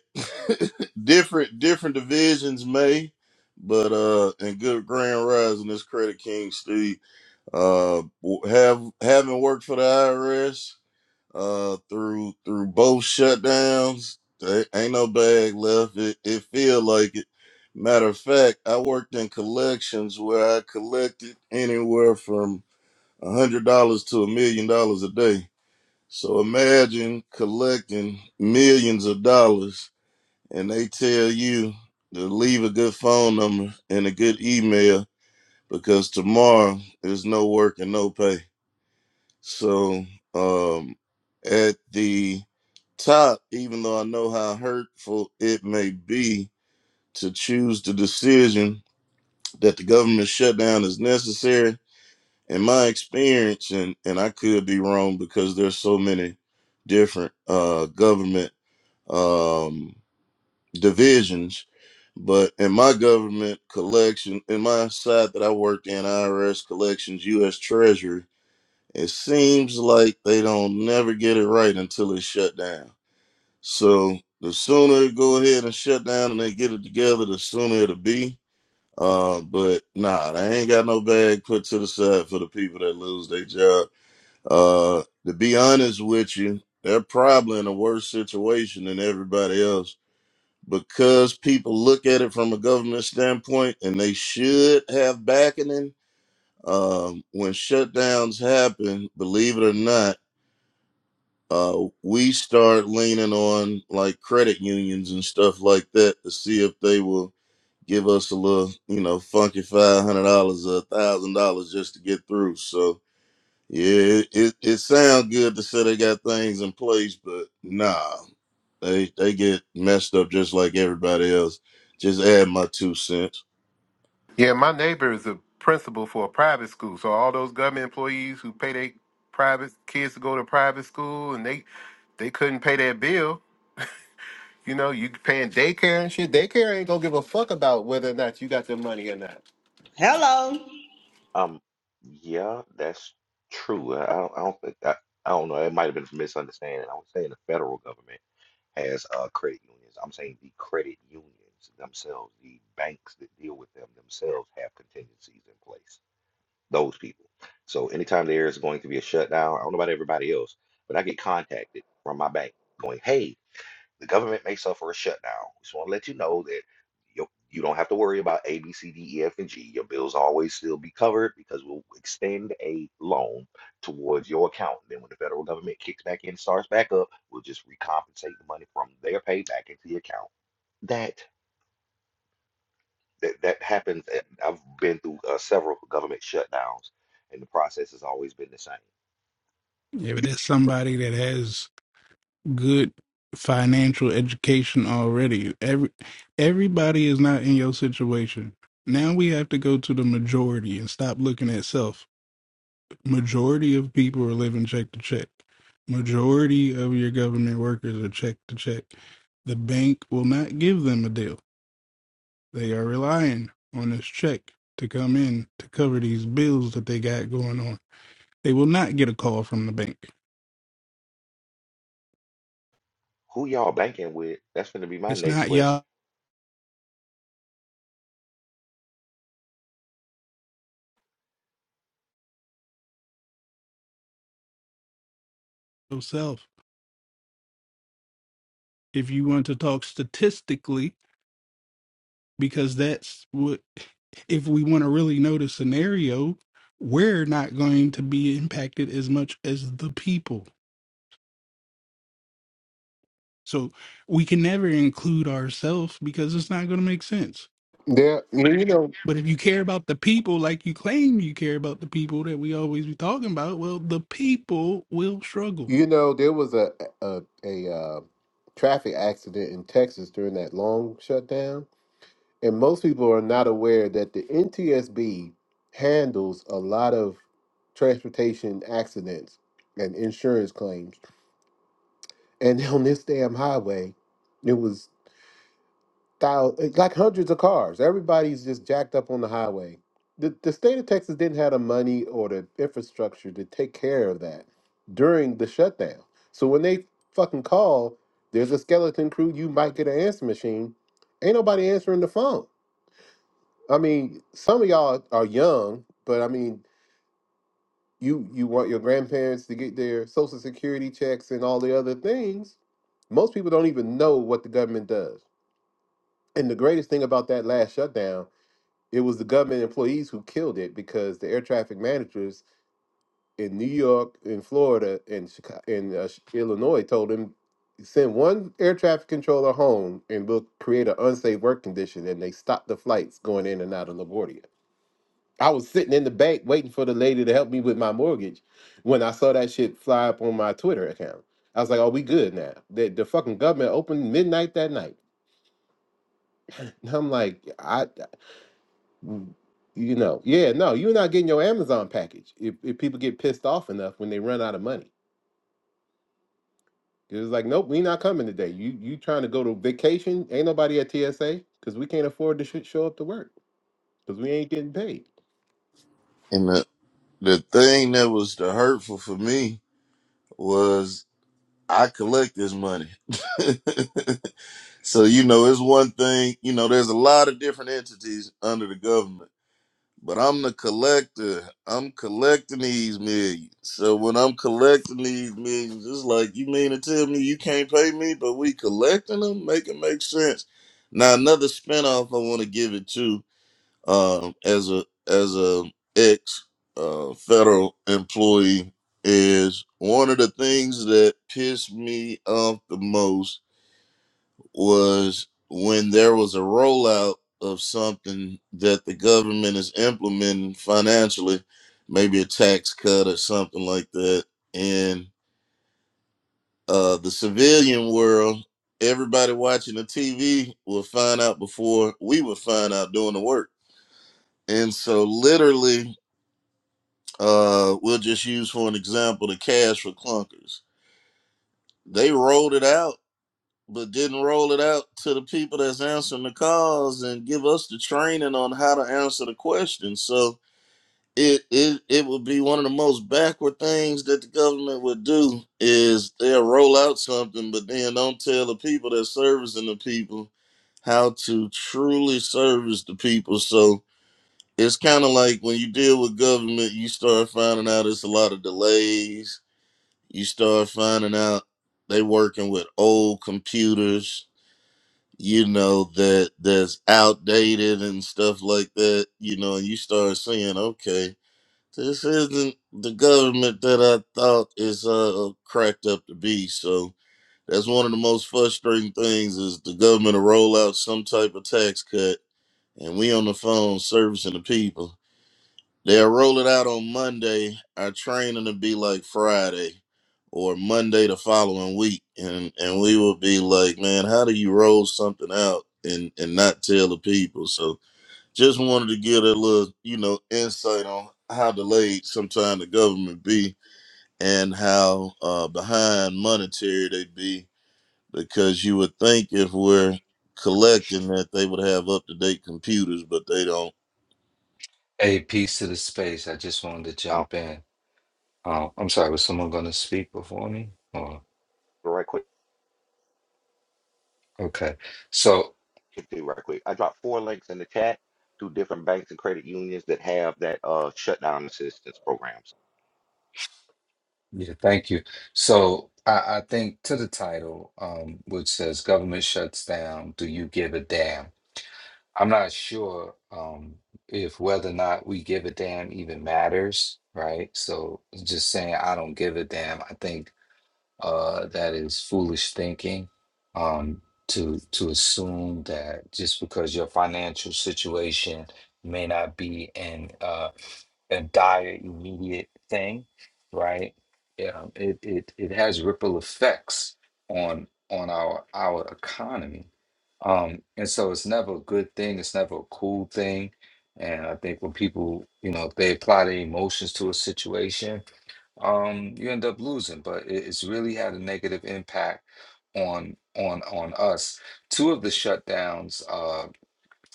different, different divisions may, but uh, in good grand rising, this credit king Steve uh w- have having worked for the IRS uh through through both shutdowns. There ain't no bag left. It, it feel like it. Matter of fact, I worked in collections where I collected anywhere from a hundred dollars to a million dollars a day. So imagine collecting millions of dollars and they tell you to leave a good phone number and a good email because tomorrow there's no work and no pay. So um at the top, even though I know how hurtful it may be to choose the decision that the government shutdown is necessary, in my experience, and and I could be wrong because there's so many different uh, government um, divisions, but in my government collection, in my side that I worked in, IRS collections, U.S. Treasury, it seems like they don't never get it right until it's shut down. So the sooner it go ahead and shut down and they get it together, the sooner it'll be. Uh, but nah, they ain't got no bag put to the side for the people that lose their job. Uh, to be honest with you, they're probably in a worse situation than everybody else because people look at it from a government standpoint and they should have backing. Um, when shutdowns happen, believe it or not, uh, we start leaning on like credit unions and stuff like that to see if they will give us a little, you know, funky five hundred dollars or a thousand dollars just to get through. So yeah, it, it, it sounds good to say they got things in place, but nah, they they get messed up just like everybody else. Just add my two cents. Yeah, my neighbor is a principal for a private school. So all those government employees who pay their private kids to go to private school and they they couldn't pay their bill. You know, you paying daycare and shit. Daycare ain't gonna give a fuck about whether or not you got their money or not. Hello. Um, yeah, that's true. I I don't, I don't think I, I don't know. It might have been a misunderstanding. I was saying the federal government. Has uh, credit unions. I'm saying the credit unions themselves, the banks that deal with them themselves have contingencies in place. Those people. So anytime there is going to be a shutdown, I don't know about everybody else, but I get contacted from my bank going, hey, the government may suffer a shutdown. We Just want to let you know that you you don't have to worry about A, B, C, D, E, F, and G. Your bills always still be covered because we'll extend a loan towards your account. And Then when the federal government kicks back in, starts back up, we'll just recompensate the money from their pay back into the account. That that, that happens. and I've been through uh, several government shutdowns, and the process has always been the same. Yeah, but that's somebody that has good financial education already. Every everybody is not in your situation. Now we have to go to the majority and stop looking at self. Majority of people are living check to check. Majority of your government workers are check to check. The bank will not give them a deal. They are relying on this check to come in to cover these bills that they got going on. They will not get a call from the bank. Who y'all banking with? That's going to be my It's next not question. y'all self. if you want to talk statistically, because that's what, if we want to really know the scenario, we're not going to be impacted as much as the people. So we can never include ourselves because it's not going to make sense. Yeah, you know. But if you care about the people, like you claim you care about the people that we always be talking about, well, the people will struggle. You know, there was a a, a uh, traffic accident in Texas during that long shutdown, and most people are not aware that the NTSB handles a lot of transportation accidents and insurance claims. And on this damn highway, it was thousands, like hundreds of cars. Everybody's just jacked up on the highway. The, the state of Texas didn't have the money or the infrastructure to take care of that during the shutdown. So when they fucking call, there's a skeleton crew. You might get an answer machine. Ain't nobody answering the phone. I mean, some of y'all are young, but I mean, you you want your grandparents to get their social security checks and all the other things. Most people don't even know what the government does. And the greatest thing about that last shutdown It was the government employees who killed it because the air traffic managers in New York, in Florida, in Chicago, in uh, Illinois told them send one air traffic controller home and we'll create an unsafe work condition. And they stopped the flights going in and out of LaGuardia. I was sitting in the bank waiting for the lady to help me with my mortgage when I saw that shit fly up on my Twitter account. I was like, "Are we good now?" The, the fucking government opened midnight that night. And I'm like, I, You know, yeah, no, you're not getting your Amazon package if, if people get pissed off enough when they run out of money. It's like, nope, we not coming today. You you trying to go to vacation? Ain't nobody at TSA because we can't afford to sh- show up to work because we ain't getting paid. And the the thing that was the hurtful for me was I collect this money. so you know, it's one thing. You know, there's a lot of different entities under the government. But I'm the collector. I'm collecting these millions. So when I'm collecting these millions, it's like you mean to tell me you can't pay me, but we collecting them, make it make sense. Now another spinoff I want to give it to um, as a as a ex uh, federal employee is one of the things that pissed me off the most was when there was a rollout of something that the government is implementing financially, maybe a tax cut or something like that. And uh, the civilian world, everybody watching the TV will find out before we would find out doing the work. And so, literally, uh, we'll just use for an example the cash for clunkers. They rolled it out but didn't roll it out to the people that's answering the calls and give us the training on how to answer the questions. So it it it would be one of the most backward things that the government would do is they'll roll out something, but then don't tell the people that's servicing the people how to truly service the people. So it's kind of like when you deal with government, you start finding out it's a lot of delays. You start finding out they working with old computers you know that that's outdated and stuff like that you know and you start saying okay this isn't the government that i thought is uh cracked up to be so that's one of the most frustrating things is the government will roll out some type of tax cut and we on the phone servicing the people They'll roll it out on Monday. Our training will be like Friday or Monday the following week. And and we will be like, man, how do you roll something out and, and not tell the people? So just wanted to give a little, you know, insight on how delayed sometimes the government be and how uh, behind monetary they be because you would think if we're collecting that they would have up to date computers, but they don't Hey, peace to the space. I just wanted to Um, jump in. Uh, I'm sorry, was someone going to speak before me? Or right quick. okay. So, it to you right quick. I dropped four links in the chat to different banks and credit unions that have that uh, shutdown assistance programs. yeah, thank you. So, I, I think to the title, um, which says "Government shuts down. Do you give a damn?" I'm not sure um, if whether or not we give a damn even matters, right? So, just saying I don't give a damn. I think uh, that is foolish thinking um, to to assume that just because your financial situation may not be in uh, a dire immediate thing, right? Yeah, it, it it has ripple effects on on our our economy, um, and so it's never a good thing. It's never a cool thing, and I think when people you know if they apply their emotions to a situation um, you end up losing. But it, it's really had a negative impact on on on us. Two of the shutdowns uh,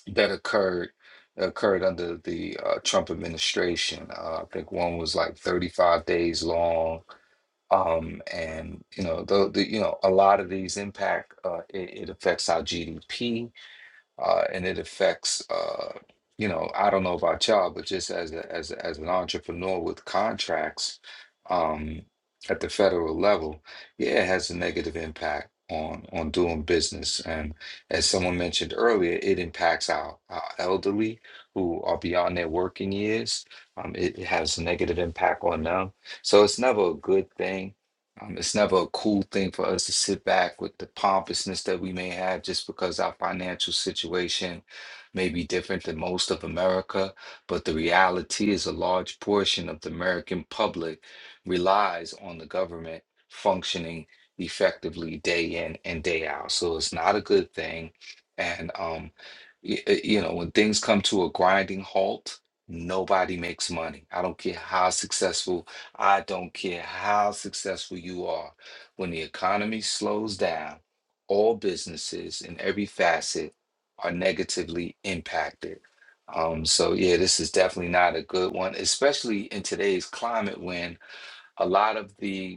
that occurred occurred under the uh, Trump administration. Uh, I think one was like 35 days long. Um, and you know the, the you know a lot of these impact uh, it, it affects our GDP uh, and it affects uh, you know I don't know about y'all, but just as a, as a- as an entrepreneur with contracts um, at the federal level, yeah, it has a negative impact on on doing business. And as someone mentioned earlier, it impacts our, our elderly who are beyond their working years. Um, it, it has a negative impact on them, so it's never a good thing um, it's never a cool thing for us to sit back with the pompousness that we may have just because our financial situation may be different than most of America. But the reality is, a large portion of the American public relies on the government functioning effectively day in and day out. So it's not a good thing. And, um, y- y- you know, when things come to a grinding halt, nobody makes money. I don't care how successful I don't care how successful you are. When the economy slows down, all businesses in every facet are negatively impacted. Um, so, yeah, this is definitely not a good one, especially in today's climate when a lot of the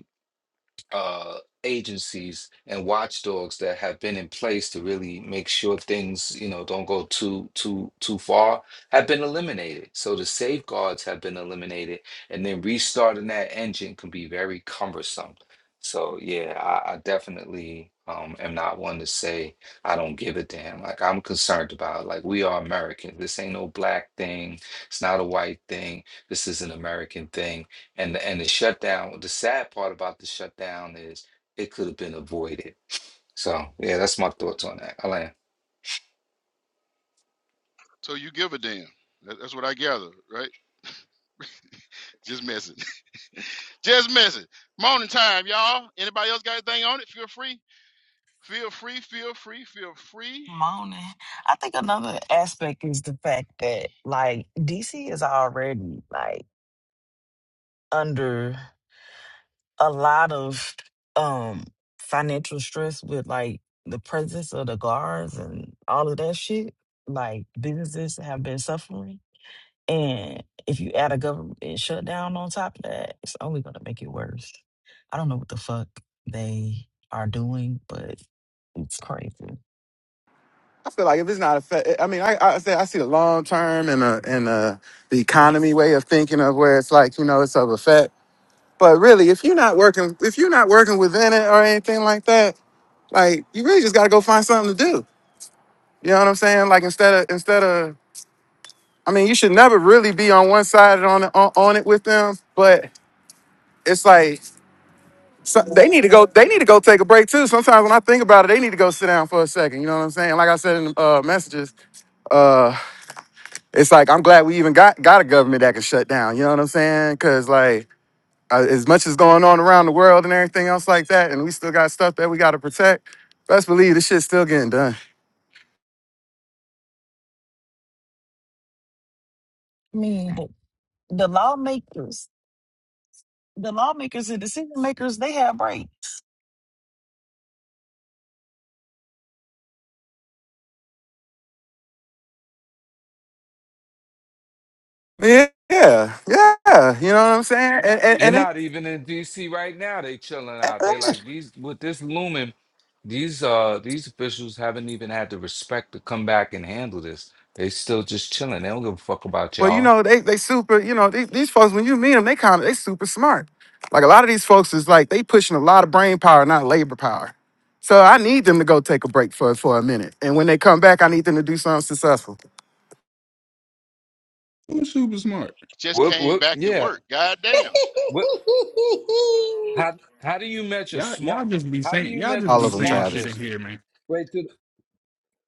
uh, agencies and watchdogs that have been in place to really make sure things, you know, don't go too too too far, have been eliminated. So the safeguards have been eliminated, and then restarting that engine can be very cumbersome. So yeah, I, I definitely um, am not one to say I don't give a damn. Like I'm concerned about it. like we are Americans. This ain't no black thing. It's not a white thing. This is an American thing and the, and the shutdown, the sad part about the shutdown is it could have been avoided. So yeah, that's my thoughts on that. Alan. so you give a damn. That- That's what I gather, right? Just messing. Just messing. Morning time, y'all. Anybody else got anything on it? Feel free. Feel free. Feel free. Feel free. Moaning. I think another aspect is the fact that like DC is already like under. a lot of um financial stress with like the presence of the guards and all of that shit. Like businesses have been suffering. And if you add a government shutdown on top of that, it's only gonna make it worse. I don't know what the fuck they are doing, but it's crazy. I feel like if it's not a, fa- I mean, I I, say I see the long term and uh and uh the economy way of thinking of where it's like you know it's of effect But really, if you're not working, if you're not working within it or anything like that, like you really just gotta go find something to do. You know what I'm saying? Like instead of instead of, I mean, you should never really be on one side and on on, on it with them. But it's like so they need to go. They need to go take a break too. Sometimes when I think about it, they need to go sit down for a second. You know what I'm saying? Like I said in the uh, messages, uh, it's like I'm glad we even got got a government that can shut down. You know what I'm saying? Because like uh, as much as going on around the world and everything else like that, and we still got stuff that we got to protect. Best believe this shit's still getting done. I mean the, the lawmakers the lawmakers and decision makers, they have breaks. Yeah, yeah, yeah. You know what I'm saying? And and, They're and not even in DC right now. They chilling out. They it, like these with this looming, these uh these officials haven't even had the respect to come back and handle this. They still just chilling. They don't give a fuck about well, you y'all. know they they super. You know these, these folks when you meet them, they kind of they super smart. Like a lot of these folks is like they pushing a lot of brain power, not labor power. So I need them to go take a break for for a minute, and when they come back, I need them to do something successful. I'm super smart. Just What came what back to yeah. work. God damn. What how how do you measure Y'all, smart y'all just be how do saying, you y'all measure just All be of them, saying Travis. shit in smartness? here, man. Wait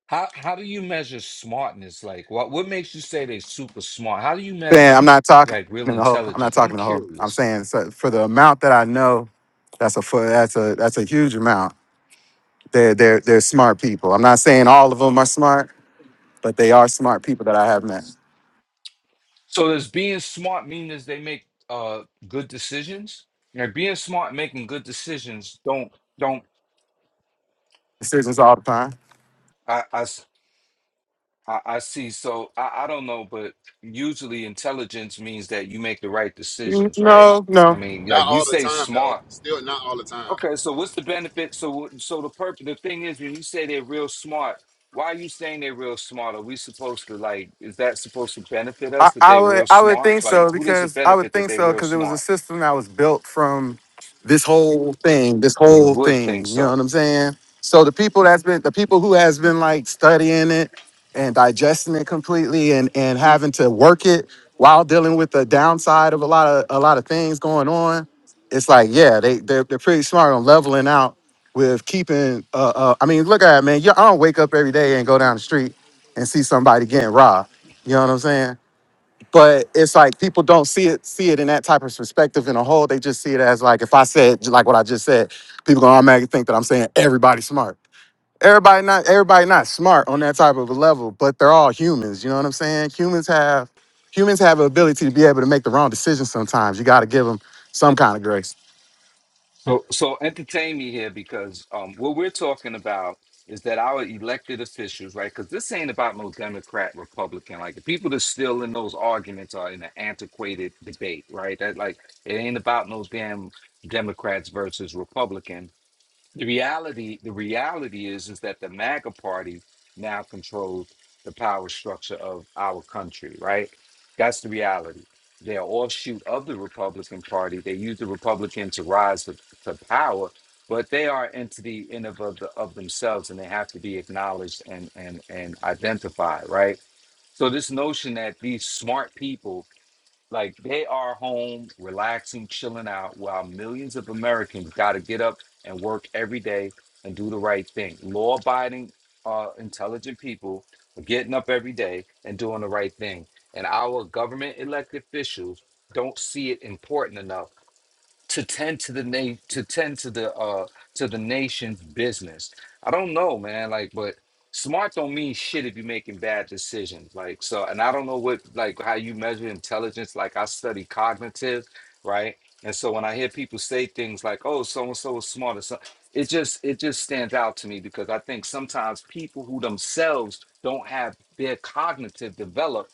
How how do you measure smartness? Like what what makes you say they're super smart? How do you saying measure I'm not talking like to real the whole. I'm not intelligence? I'm talking to the whole. I'm curious. saying so for the amount that I know, that's a fu- that's a that's a huge amount. They're they're they're smart people. I'm not saying all of them are smart, but they are smart people that I have met. So does being smart mean is they make uh good decisions? Like being smart, making good decisions don't don't Decisions all the time. I I s- I- I see. So I, I don't know, but usually intelligence means that you make the right Mm, decisions, right? No, no. I mean, like Not you all the say time though. smart. Still not all the time. Okay, so what's the benefit? So, so the purpose, the thing is, when you say they're real smart, why are you saying they're real smart? Are we supposed to like? Is that supposed to benefit I, us that I they're would real I would smart? think so Like, who does it because I would benefit that think they're so real because it was a smart? system that was built from this whole thing, this You whole would think thing. You know so. what I'm saying? So the people that's been the people who has been like studying it and digesting it completely and and having to work it while dealing with the downside of a lot of a lot of things going on, it's like yeah, they they're, they're pretty smart on leveling out with keeping. Uh, uh, I mean, look at it, man. You, I don't wake up every day and go down the street and see somebody getting robbed. You know what I'm saying? but it's like people don't see it see it in that type of perspective in a whole. They just see it as like if I said like what I just said, people gonna automatically think that I'm saying everybody's smart. Everybody not everybody not smart on that type of a level, but they're all humans. You know what I'm saying? Humans have humans have the ability to be able to make the wrong decision sometimes. You got to give them some kind of grace. So, so entertain me here because um, what we're talking about is that our elected officials, right? Because this ain't about no Democrat, Republican. Like, the people that's still in those arguments are in an antiquated debate, right? That like, it ain't about no damn Democrats versus Republicans the reality the reality is is that the MAGA party now controls the power structure of our country, right? That's the reality. They're offshoot of the Republican Party. They use the Republican to rise to, to power, but they are entity in of, of, the, of themselves, and they have to be acknowledged and and and identified, right? So this notion that these smart people like they are home, relaxing, chilling out, while millions of Americans got to get up and work every day and do the right thing. Law abiding, uh, intelligent people are getting up every day and doing the right thing. And our government elected officials don't see it important enough to tend to the na- to tend to the uh to the nation's business. I don't know, man. Like, but smart don't mean shit if you're making bad decisions. Like, so, and I don't know what like how you measure intelligence. Like, I study cognitive, right? And so when I hear people say things like, "Oh, so and so is smart," or so, it just it just stands out to me because I think sometimes people who themselves don't have their cognitive developed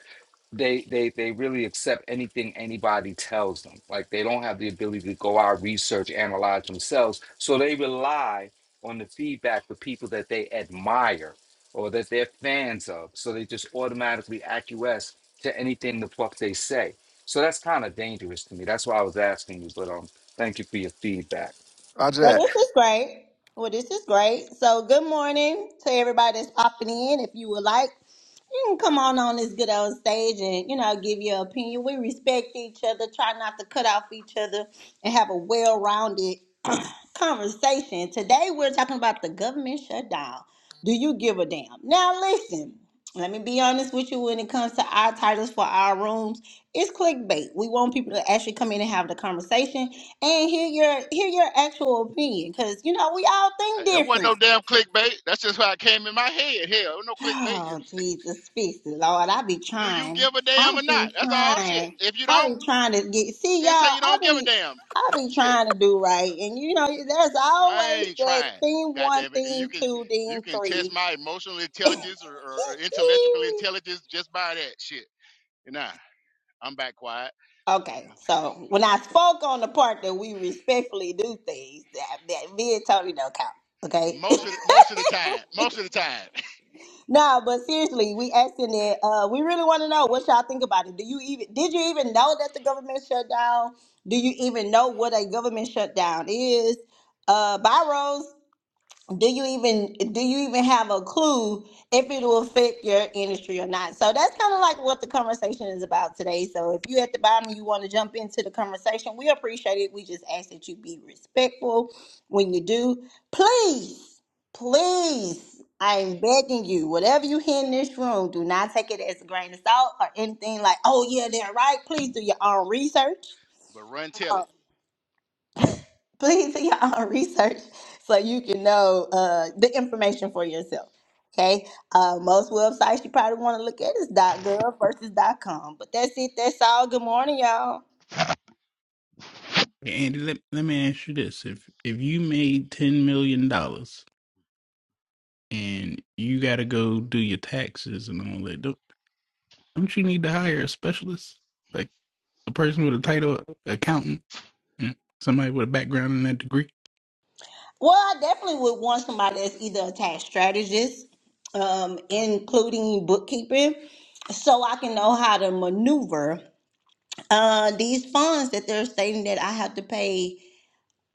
they they they really accept anything anybody tells them like they don't have the ability to go out research analyze themselves so they rely on the feedback for people that they admire or that they're fans of so they just automatically acquiesce to anything the fuck they say so that's kind of dangerous to me that's why i was asking you but um thank you for your feedback Roger Well, that. this is great. Well, this is great. So, good morning to everybody that's popping in. If you would like, you can come on on this good old stage and you know give your opinion. We respect each other. Try not to cut off each other and have a well-rounded conversation. Today, we're talking about the government shutdown. Do you give a damn? Now, listen. Let me be honest with you when it comes to our titles for our rooms. It's clickbait. We want people to actually come in and have the conversation and hear your hear your actual opinion because you know we all Uh, think It wasn't different no damn clickbait. That's just how it came in my head. Hell, no clickbait. oh It, jesus fix it it's, lord i be do you trying give a i damn or not? be That's all shit. trying If you i don't, be trying to get see then say y'all you i don't give a be damn. i be Shit. trying to do right and you know there's I always ain't that trying. thing God one damn it. And you thing can two you thing can test three my emotional intelligence or, or or intellectual intelligence just by that shit. Nah. I'm back quiet. Yeah. Okay, so when I spoke on the part that we respectfully do things, that, that me and Tony don't count. Okay, Most of the, most of the time, most of the time. No, but seriously, we asking it. Uh, we really want to know what y'all think about it. Do you even did you even know that the government shut down? Do you even know what a government shutdown is? Uh, Byros, do you even do you even have a clue if it will fit your industry or not so that's kind of like what the conversation is about today so if you at the bottom you want to jump into the conversation we appreciate it we just ask that you be respectful when you do please please i'm begging you whatever you hear in this room do not take it as a grain of salt or anything like oh yeah they're right please do your own research but run tell it. please do your own research so you can know uh, the information for yourself. Okay, uh, most websites you probably want to look at is .gov versus .com, but that's it. That's all. Good morning, y'all. Andy, let, let me ask you this. If if you made ten million dollars and you gotta go do your taxes and all that, don't don't you need to hire a specialist? Like a person with a title accountant and somebody with a background in that degree? Well, I definitely would want somebody that's either a tax strategist, um, including bookkeeping, so I can know how to maneuver uh, these funds that they're stating that I have to pay.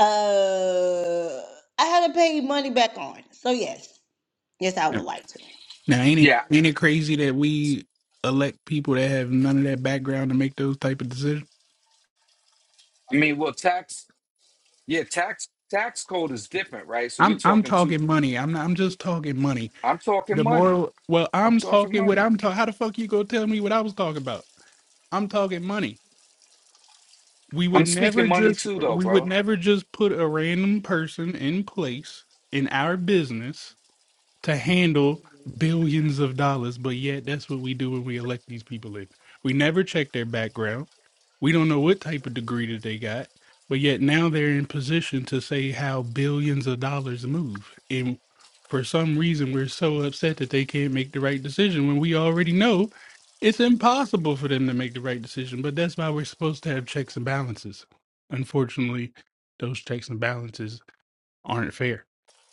Uh, I have to pay money back on. So yes, Yes, I Now would like to. now, ain't it yeah ain't it crazy that we elect people that have none of that background to make those type of decisions? i mean well tax yeah tax tax code is different right so we're I'm I'm talking to talking money. I'm not, I'm just talking money. i'm talking The money moral well, i'm I'm talking talking what money I'm talking how the fuck you gonna tell me what I was talking about? I'm talking money. we would I'm never speaking money just too, though, we would bro. never just put a random person in place in our business to handle billions of dollars, but yet that's what we do when we elect these people in. We never check their background. We don't know what type of degree that they got, but yet now they're in position to say how billions of dollars move. And for some reason, we're so upset that they can't make the right decision when we already know it's impossible for them to make the right decision. But that's why we're supposed to have checks and balances. Unfortunately, those checks and balances aren't fair.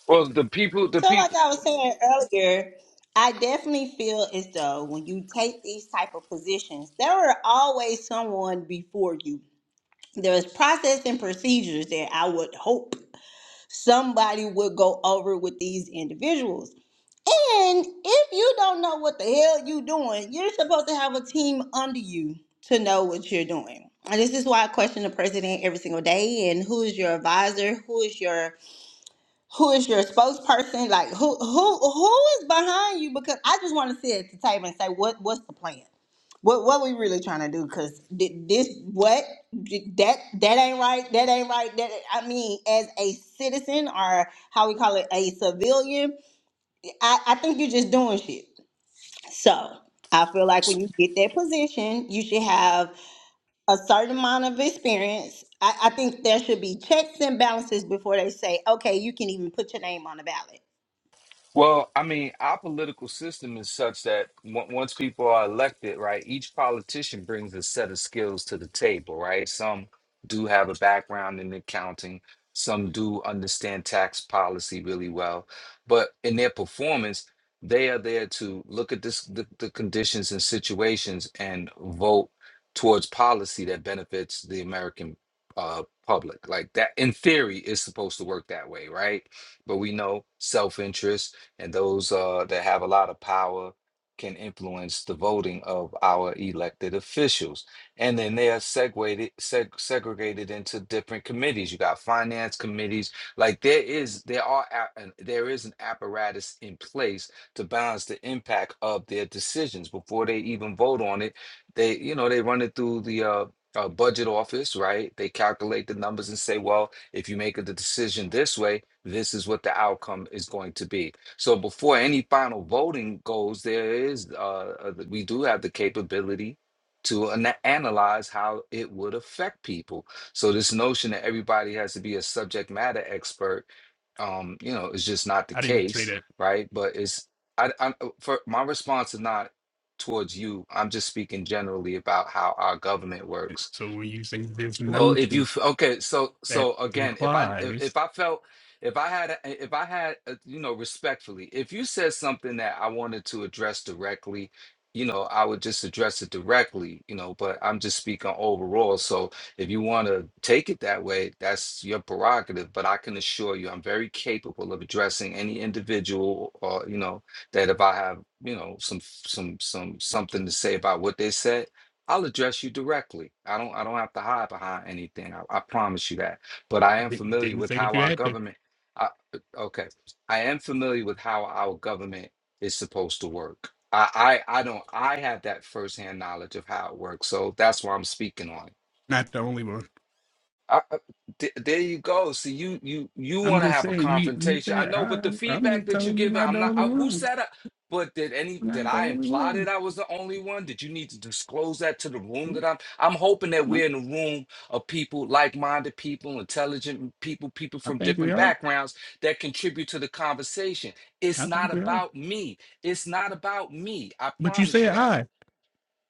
Well, the people, the So, people, like I was saying earlier, I definitely feel as though when you take these type of positions, there are always someone before you. There's process and procedures that I would hope somebody would go over with these individuals. And if you don't know what the hell you are doing, you're supposed to have a team under you to know what you're doing. And this is why I question the president every single day and who is your advisor, who is your who is your spokesperson? Like who who who is behind you? Because I just want to sit at the table and say what what's the plan? What what we really trying to do? Because this what that that ain't right. That ain't right. That I mean, as a citizen or how we call it a civilian, I, I think you're just doing shit. So I feel like when you get that position, you should have a certain amount of experience. I, I think there should be checks and balances before they say, okay, you can even put your name on the ballot. Well, I mean, our political system is such that on- once people are elected, right, each politician brings a set of skills to the table, right? Some do have a background in accounting, some do understand tax policy really well, but in their performance, they are there to look at this the, the conditions and situations and vote towards policy that benefits the American uh, public. Like that, in theory, is supposed to work that way, right? But we know self-interest and those uh, that have a lot of power can influence the voting of our elected officials. And then they are segregated, seg- segregated into different committees. You got finance committees. Like there is, there are, a- an- there is an apparatus in place to balance the impact of their decisions before they even vote on it. They, you know, they run it through the uh, uh, budget office, right? They calculate the numbers and say, well, if you make a decision this way, this is what the outcome is going to be so before any final voting goes, there is, uh, uh, we do have the capability to ana- analyze how it would affect people. So this notion that everybody has to be a subject matter expert, um, you know, is just not the I didn't say case, that. right? But it's, I, I, for my response is not towards you. I'm just speaking generally about how our government works So when you say this well, notion if you f- okay, so that so again, if I if, implies if I felt if I had a- if I had uh, you know respectfully, if you said something that I wanted to address directly, you know, I would just address it directly, you know, but I'm just speaking overall. So if you want to take it that way, that's your prerogative, but I can assure you I'm very capable of addressing any individual or you know that if I have, you know, some some some something to say about what they said, I'll address you directly. I don't I don't have to hide behind anything. I, I promise you that. But I am they familiar didn't with say that how you our had to. government I okay. I am familiar with how our government is supposed to work. I I, I don't I have that firsthand knowledge of how it works. So that's why I'm speaking on it. Not the only one. I, I- th- there you go. See, you you you I'm want to just have a saying you. You confrontation. I said know, but I. the I'm feedback just that you telling you, give, not the I'm not. only I, who one. said? I, but did any? Did Not the I only imply that one. I was the only one? Did you need to disclose that to the room No, that I'm? I'm hoping that no, we're in a room of people, like-minded people, intelligent people, people I from think we different are. backgrounds that contribute to the conversation. It's I not think we are. about me. It's not about me. I But you promise you said that. I.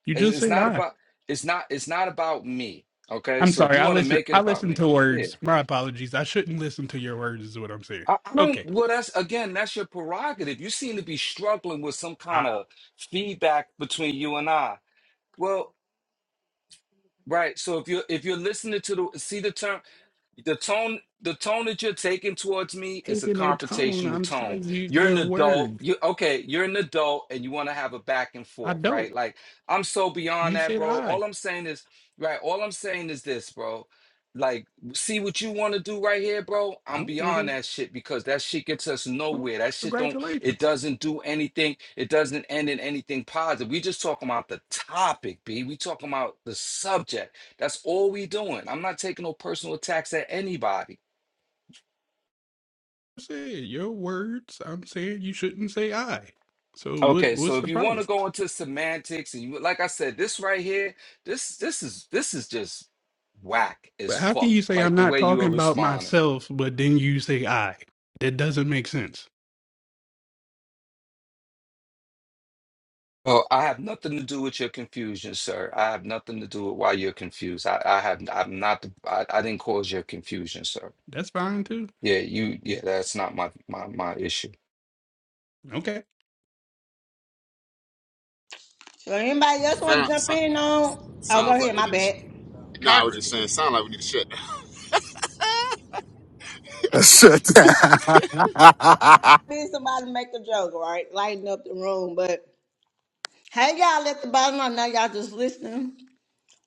You It's, just it's said not I. about it's not it's not about me. Okay, I'm so if sorry. you I want to listen. make it I about listen me, to yeah, words. My apologies. I shouldn't listen to your words. Is what I'm saying. I, I don't. Okay. Well, that's again, that's your prerogative. You seem to be struggling with some I kind of feedback between you and I. Well, right. So if you're if you're listening to the see the term the tone the tone that you're taking towards me is a taking no tone. confrontational I'm tone telling you you're an your adult words. you okay you're an adult and you want to have a back and I forth don't. right like i'm so beyond You that said bro I. all i'm saying is right all i'm saying is this bro like see what you want to do right here bro I i'm don't want beyond to. that shit because that shit gets us Well, nowhere that shit don't it congratulations. doesn't do anything it doesn't end in anything positive we just talking about the topic b we talking about the subject that's all we doing. I'm not taking no personal attacks at anybody. I said your words. I'm saying you shouldn't say I. So what? Okay, so What's if the you want problem? to go into semantics and you like I said, this right here, this this is this is just whack as But how can fuck. you say I'm Like the not way you are talking about responding. myself, but then you say I? That doesn't make sense. Oh, I have nothing to do with your confusion, sir. I have nothing to do with why you're confused. I, I have I'm not the I, I didn't cause your confusion, sir. That's fine too. Yeah, you yeah, that's not my my my issue. Okay. So anybody else want to Sound, jump so, in on? Oh, go sounds like ahead. we My need to. Sh- bad. nah, I was just Congress saying. Sound like we need to shut. down. Let's Shut down. Me and somebody make a joke, right? Lighten up the room. But hey, y'all at the bottom. I know y'all just listening.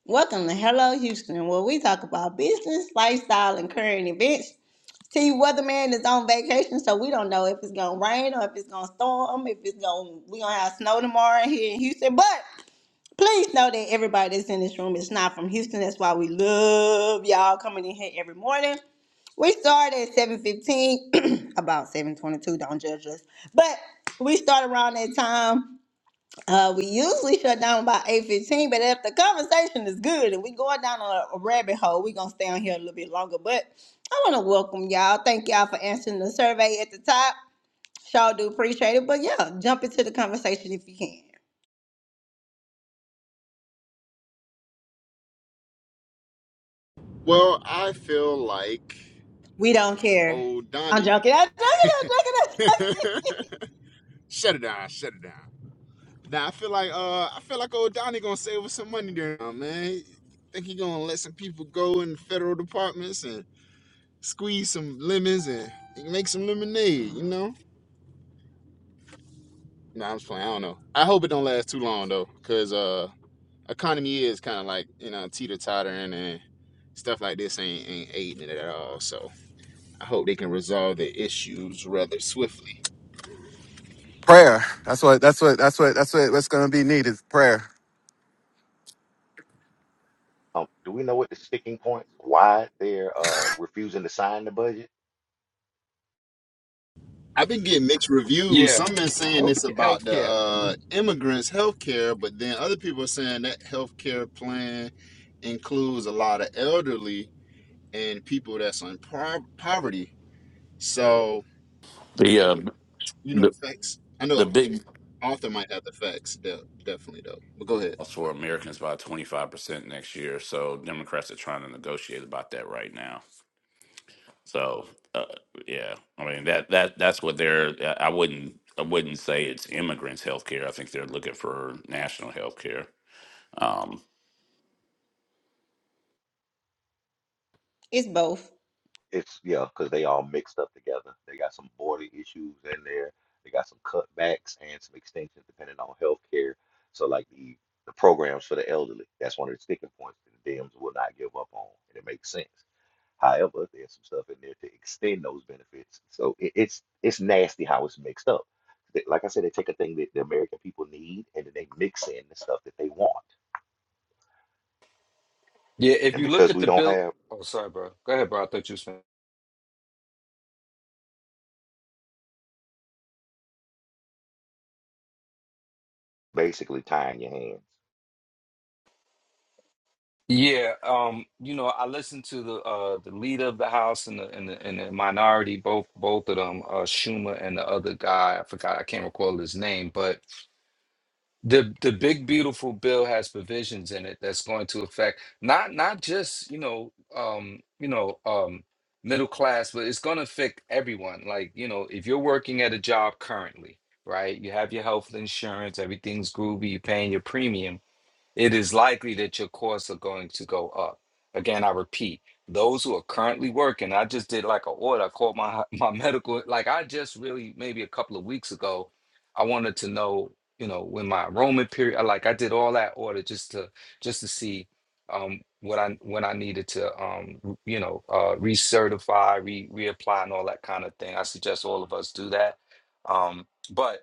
Welcome to Hello Houston, where we talk about business, lifestyle, and current events. See, weatherman is on vacation, so we don't know if it's gonna rain or if it's gonna storm, if it's gonna we gonna have snow tomorrow here in Houston. But please know that everybody that's in this room is not from Houston. That's why we love y'all coming in here every morning. We started at 7.15, about 7.22, don't judge us. But we start around that time. Uh, we usually shut down about 8.15, but if the conversation is good and we going down a, a rabbit hole, we going to stay on here a little bit longer. But I want to welcome y'all. Thank y'all for answering the survey at the top. Sure do appreciate it. But yeah, jump into the conversation if you can. Well, I feel like We don't care. old I'm Donnie. joking. I'm joking. I'm joking. I'm joking. shut it down. Shut it down. Now I feel like uh I feel like old Donnie gonna save us some money there, uh, man. Think he gonna let some people go in the federal departments and squeeze some lemons and make some lemonade, you know? Nah, I'm just playing. I don't know. I hope it don't last too long though, cause uh economy is kind of like you know teeter tottering and stuff like this ain't ain't aiding it at all. So I hope they can resolve the issues rather swiftly. prayer. That's what. That's what. That's what. That's what. What's gonna be needed. Prayer. Um, do we know what the sticking points? Why they're uh, refusing to sign the budget? I've been getting mixed reviews. Yeah. Some been saying Health this about the healthcare. uh, immigrants' health care, but then other people are saying that health care plan includes a lot of elderly and people that's in po- poverty. So The um, you know the the facts. I the know big Arthur might have the facts, de- definitely though. But go ahead. loss for Americans by twenty five percent next year. So Democrats are trying to negotiate about that right now. So uh, yeah, I mean that that that's what they're. I I wouldn't I wouldn't say it's immigrants' health care. I think they're looking for national health care. Um, It's both. It's yeah, because they all mixed up together. They got some border issues in there. They got some cutbacks and some extensions depending on healthcare. So like the the programs for the elderly, that's one of the sticking points that the Dems will not give up on, and it makes sense. However, there's some stuff in there to extend those benefits. So it, it's it's nasty how it's mixed up. They- Like I said, they take a thing that the American people need and then they mix in the stuff that they want. Yeah, if And you look because at we the don't bill have Oh, sorry, bro. Go ahead, bro. I thought you was finished. basically tying your hands. Yeah, um, you know, I listened to the uh the leader of the House and the and the, and the minority, both both of them, uh Schumer and the other guy, I forgot, I can't recall his name, but the the big beautiful bill has provisions in it that's going to affect not not just, you know, um, you know, um middle class, but it's going to affect everyone. Like, you know, if you're working at a job currently, right? You have your health insurance, everything's groovy, you're paying your premium it is likely that your costs are going to go up. Again, I repeat, those who are currently working, I just did like an order. I called my my medical, like I just really maybe a couple of weeks ago, I wanted to know, you know, when my enrollment period, like I did all that order just to just to see um what I when I needed to um you know uh recertify, re reapply and all that kind of thing. I suggest all of us do that. Um, but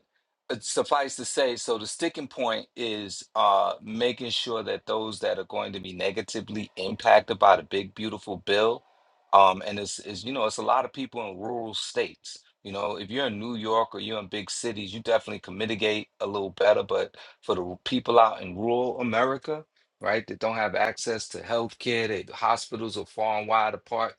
uh, suffice to say, so the sticking point is uh, making sure that those that are going to be negatively impacted by the big beautiful bill, um, and it's, it's you know it's a lot of people in rural states. You know, if you're in New York or you're in big cities, you definitely can mitigate a little better. But for the r- people out in rural America, right, that don't have access to health care, hospitals are far and wide apart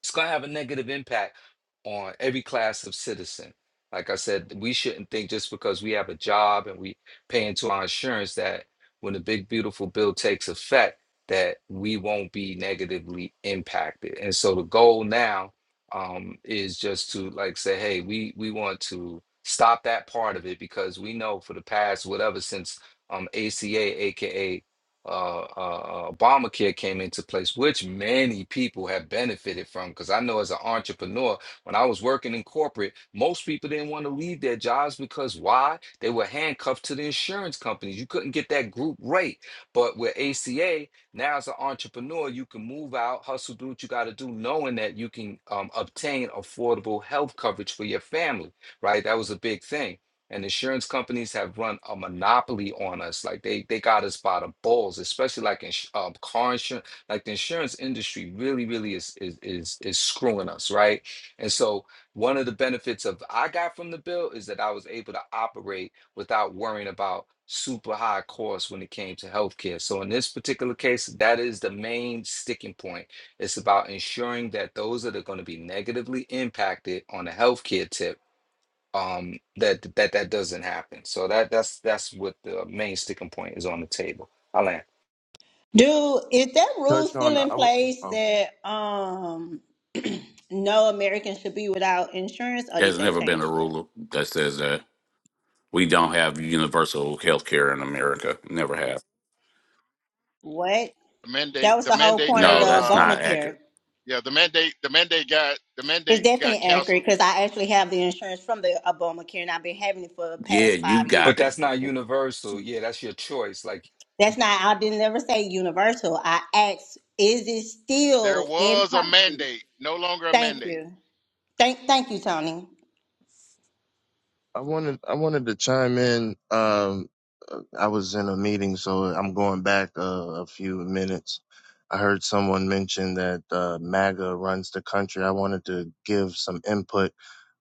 it's going to have a negative impact on every class of citizen. Like I said, we shouldn't think just because we have a job and we pay into our insurance that when the big beautiful bill takes effect, that we won't be negatively impacted. And so the goal now um, is just to like say, hey, we we want to stop that part of it because we know for the past whatever since um, ACA, aka uh, uh, uh, Obamacare came into place, which many people have benefited from. Because I know as an entrepreneur, when I was working in corporate, most people didn't want to leave their jobs because why? They were handcuffed to the insurance companies. You couldn't get that group rate. But with ACA, now as an entrepreneur, you can move out, hustle, do what you got to do, knowing that you can um, obtain affordable health coverage for your family, right? That was a big thing and insurance companies have run a monopoly on us. Like they they got us by the balls, especially like in um, car insurance. Like the insurance industry really, really is is is is screwing us, right? And so one of the benefits of I got from the bill is that I was able to operate without worrying about super high costs when it came to healthcare. So in this particular case, that is the main sticking point. It's about ensuring that those that are going to be negatively impacted on the healthcare tip um that that that doesn't happen so that that's that's what the main sticking point is on the table i land Dude, is that rule touch still on. I, in w- place oh, that um no American should be without insurance or did there's they never been a change that? rule that says that we don't have universal health care in America. Never have. What? the mandate. That was The the whole mandate point of the No, got that's uh not Obamacare. accurate. yeah the mandate the mandate got the It's mandate got definitely accurate canceled. because I actually have the insurance from the Obamacare and I've been having it for the Yeah, past you five but got it. that's years. not universal yeah that's your choice like y- That's not I didn't ever say universal. I asked, is it There still in was a policy? mandate, no longer a Thank mandate. you. Thank thank you, Tony. I wanted I wanted to chime in. Um, uh, I was in a meeting, so I'm going back uh, a few minutes. I heard someone mention that uh, MAGA runs the country. I wanted to give some input.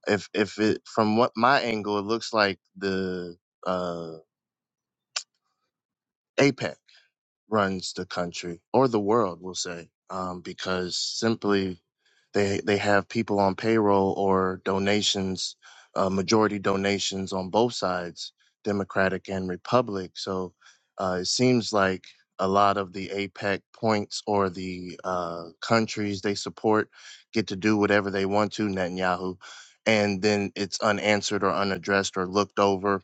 If if it from what my angle, it looks like the uh, APEC. runs the country or the world, we'll say, um, because simply they they have people on payroll or donations, uh, majority donations on both sides, Democratic and Republic. So uh, it seems like a lot of the APEC points or the uh, countries they support get to do whatever they want to Netanyahu, and then it's unanswered or unaddressed or looked over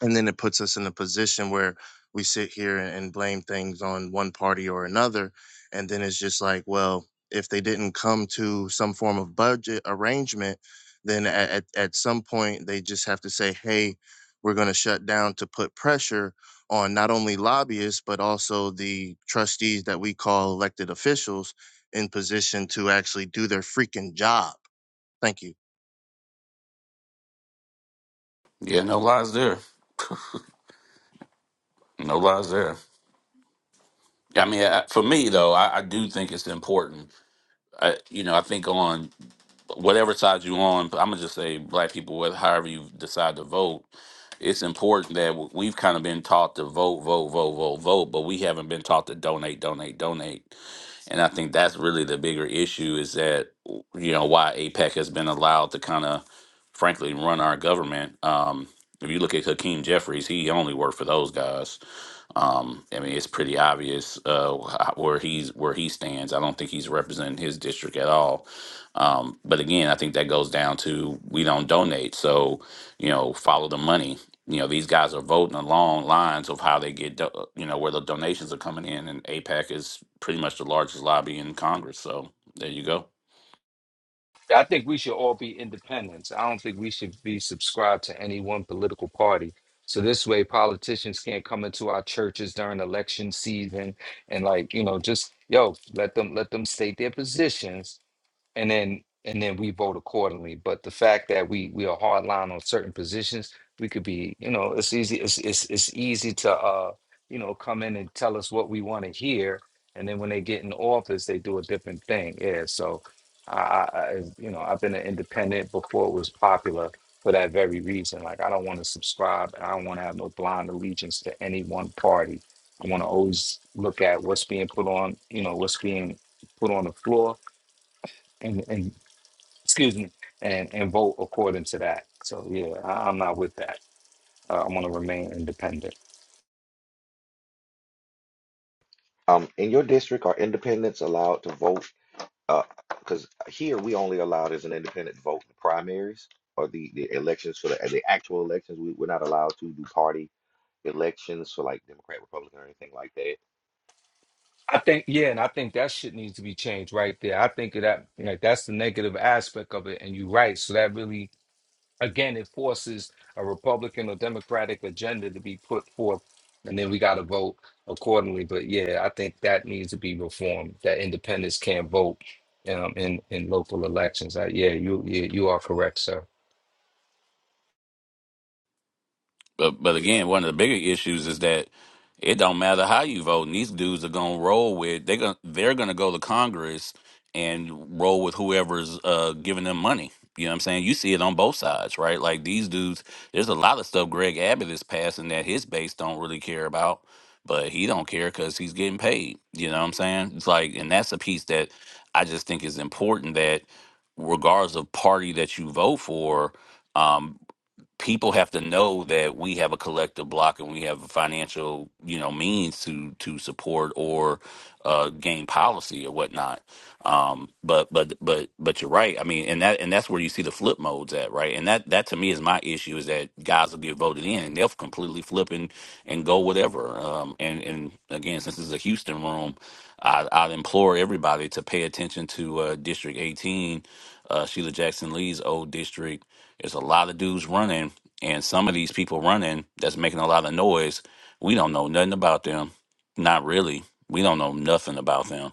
and then it puts us in a position where we sit here and, and blame things on one party or another and then it's just like well if they didn't come to some form of budget arrangement then at, at, at some point they just have to say hey we're going to shut down to put pressure on not only lobbyists but also the trustees that we call elected officials in position to actually do their freaking job thank you Yeah, no lies there. No lies there. I mean, I- for me though, I, I do think it's important. I, you know, I think on whatever side you're on, I'm gonna just say black people, With however you decide to vote, it's important that w- we've kind of been taught to vote, vote, vote, vote, vote, but we haven't been taught to donate, donate, donate. And I think that's really the bigger issue is that, you know, why APEC has been allowed to kind of, frankly, run our government. Um, if you look at Hakeem Jeffries, he only worked for those guys. Um, I mean, it's pretty obvious uh, wh- where he's where he stands. I don't think he's representing his district at all. Um, but again, I think that goes down to we don't donate, so you know, follow the money you know these guys are voting along lines of how they get do- uh, you know where the donations are coming in and APAC is pretty much the largest lobby in Congress so there you go i think we should all be independents i don't think we should be subscribed to any one political party so this way politicians can't come into our churches during election season and like you know just yo let them let them state their positions and then and then we vote accordingly. But the fact that we we are hard line on certain positions, we could be, you know, it's easy. It's it's it's easy to uh, you know, come in and tell us what we want to hear, and then when they get in office, they do a different thing. Yeah, so. I, I, I- you know, I've been an independent before it was popular for that very reason. Like, I don't want to subscribe. and I don't want to have no blind allegiance to any one party. I want to always look at what's being put on, you know, what's being put on the floor, and and excuse me, and, and vote according to that. So yeah, I, I'm not with that. Uh, I want to remain independent. Um, in your district, are independents allowed to vote? Uh, because here we only allowed as an independent to vote in the primaries or the, the elections for the, the actual elections. We, we're not allowed to do party elections for like Democrat, Republican, or anything like that I think yeah, and I think that shit needs to be changed right there. I think of that like that's the negative aspect of it, and you're right. So that really again it forces a Republican or Democratic agenda to be put forth, and then we got to vote accordingly. But yeah, I think that needs to be reformed. That independents can't vote um, in in local elections. I, yeah, you yeah, you are correct, sir. But but again, one of the bigger issues is that it don't matter how you vote. and These dudes are gonna roll with they gonna they're gonna go to Congress and roll with whoever's uh, giving them money. You know what I'm saying? You see it on both sides, right? Like these dudes, there's a lot of stuff Greg Abbott is passing that his base don't really care about, but he don't care because he's getting paid. You know what I'm saying? It's like, and that's a piece that I just think is important that regardless of party that you vote for, um, people have to know that we have a collective block and we have a financial you know means to to support or uh gain policy or whatnot um but but but but you're right i mean and that and that's where you see the flip modes at right and that that to me is my issue is that guys will get voted in and they'll completely flip and and go whatever um and and again since this is a houston room i i'd implore everybody to pay attention to uh district 18 uh sheila jackson lee's old district there's a lot of dudes running, and some of these people running that's making a lot of noise. We don't know nothing about them. Not really. We don't know nothing about them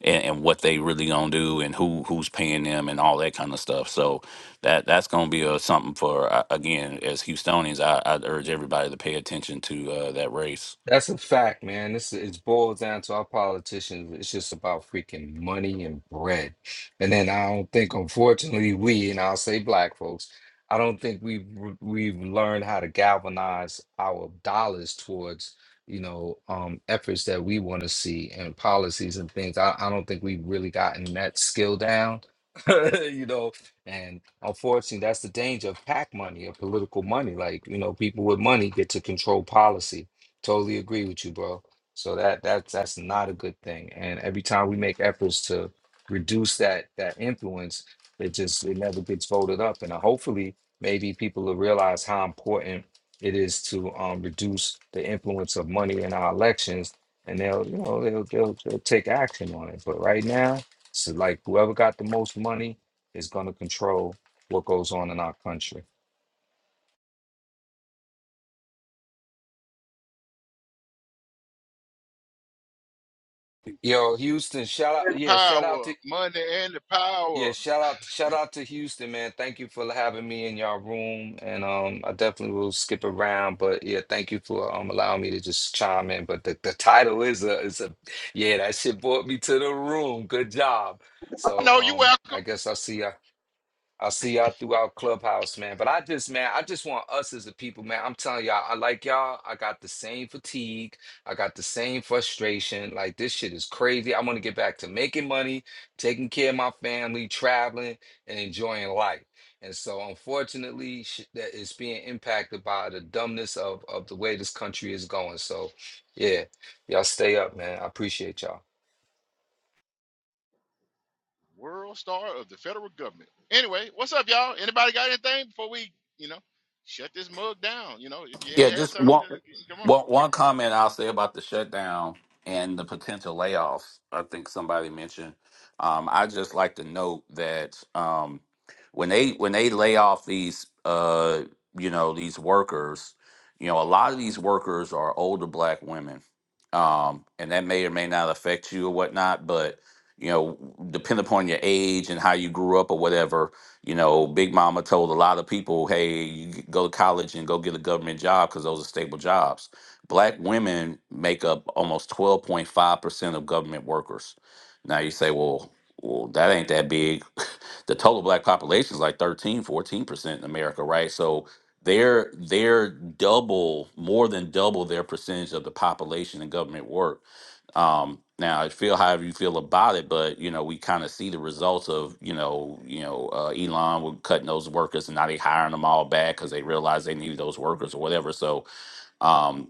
and, and what they really gonna do and who who's paying them and all that kind of stuff. So that that's gonna be a, something for uh, again as Houstonians. I, I urge everybody to pay attention to uh, that race. That's a fact, man. This is it boils down to our politicians. It's just about freaking money and bread. And then I don't think, unfortunately, we and I'll say black folks, I don't think we've r- we've learned how to galvanize our dollars towards you know um efforts that we want to see and policies and things. I, I don't think we've really gotten that skill down. you know, and unfortunately, that's the danger of PAC money, of political money. Like, you know, people with money get to control policy Totally agree with you, bro. So that that's that's not a good thing. And every time we make efforts to reduce that that influence, it just it never gets voted up. And uh, hopefully, maybe people will realize how important it is to um, reduce the influence of money in our elections, and they'll you know they'll they'll, they'll take action on it. But right now, it's like whoever got the most money is going to control what goes on in our country. Yo, Houston, shout out! Yeah, shout out Power, to money, and the Yeah, power. shout out shout out to Houston, man. Thank you for having me in your room. And um I definitely will skip around, but yeah, thank you for um allowing me to just chime in. But the, the title is a is a yeah, that shit brought me to the room. Good job. So No, you um I welcome. guess I'll see y'all. I'll see y'all throughout Clubhouse, man. But I just, man, I just want us as a people, man. I'm telling y'all, I like y'all. I got the same fatigue. I got the same frustration. Like this shit is crazy. I want to get back to making money, taking care of my family, traveling, and enjoying life. And so, unfortunately, sh- that is being impacted by the dumbness of of the way this country is going. So, yeah, y'all stay up, man. I appreciate y'all. World star of the federal government. Anyway, what's up, y'all? Anybody got anything before we you know shut this mug down? You know, if you Yeah, ain't had just something, one, come on. one, one comment I'll say about the shutdown and the potential layoffs. I think somebody mentioned. Um, I just like to note that um, when they when they lay off these, uh, you know, these workers, you know, a lot of these workers are older Black women, um, and that may or may not affect you or whatnot, but you know, depend upon your age and how you grew up or whatever you know, Big Mama told a lot of people, hey, you g- go to college and go get a government job because those are stable jobs. Black women make up almost 12.5% of government workers. Now you say, well, well, that ain't that big. the total black population is like 13, 14% in America, right? So they're they're double, more than double their percentage of the population in government work um, now, I feel however you feel about it, but you know, we kind of see the results of you know, you know, uh, Elon was cutting those workers, and now they hiring them all back because they realized they needed those workers or whatever. So, um,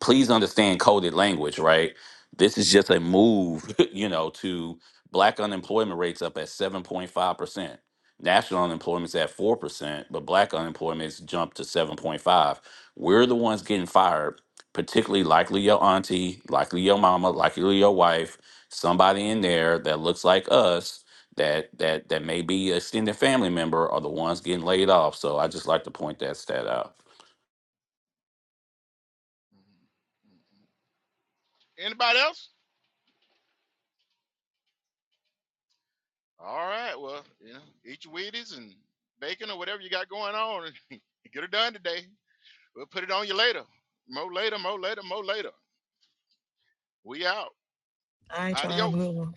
please understand coded language, right? This is just a move, you know, to black unemployment rates up at 7.5%. National unemployment's at 4%, but black unemployment's jumped to 7.5. We're the ones getting fired, particularly likely your auntie, likely your mama, likely your wife, somebody in there that looks like us that that that may be extended family member are the ones getting laid off. So I just like to point that stat out. Anybody else? All right. Well, you know, eat your Wheaties and bacon or whatever you got going on. and Get her done today. We'll put it on you later. Mo later, mo later, mo later. We out. All right, y'all have a Adios. good one.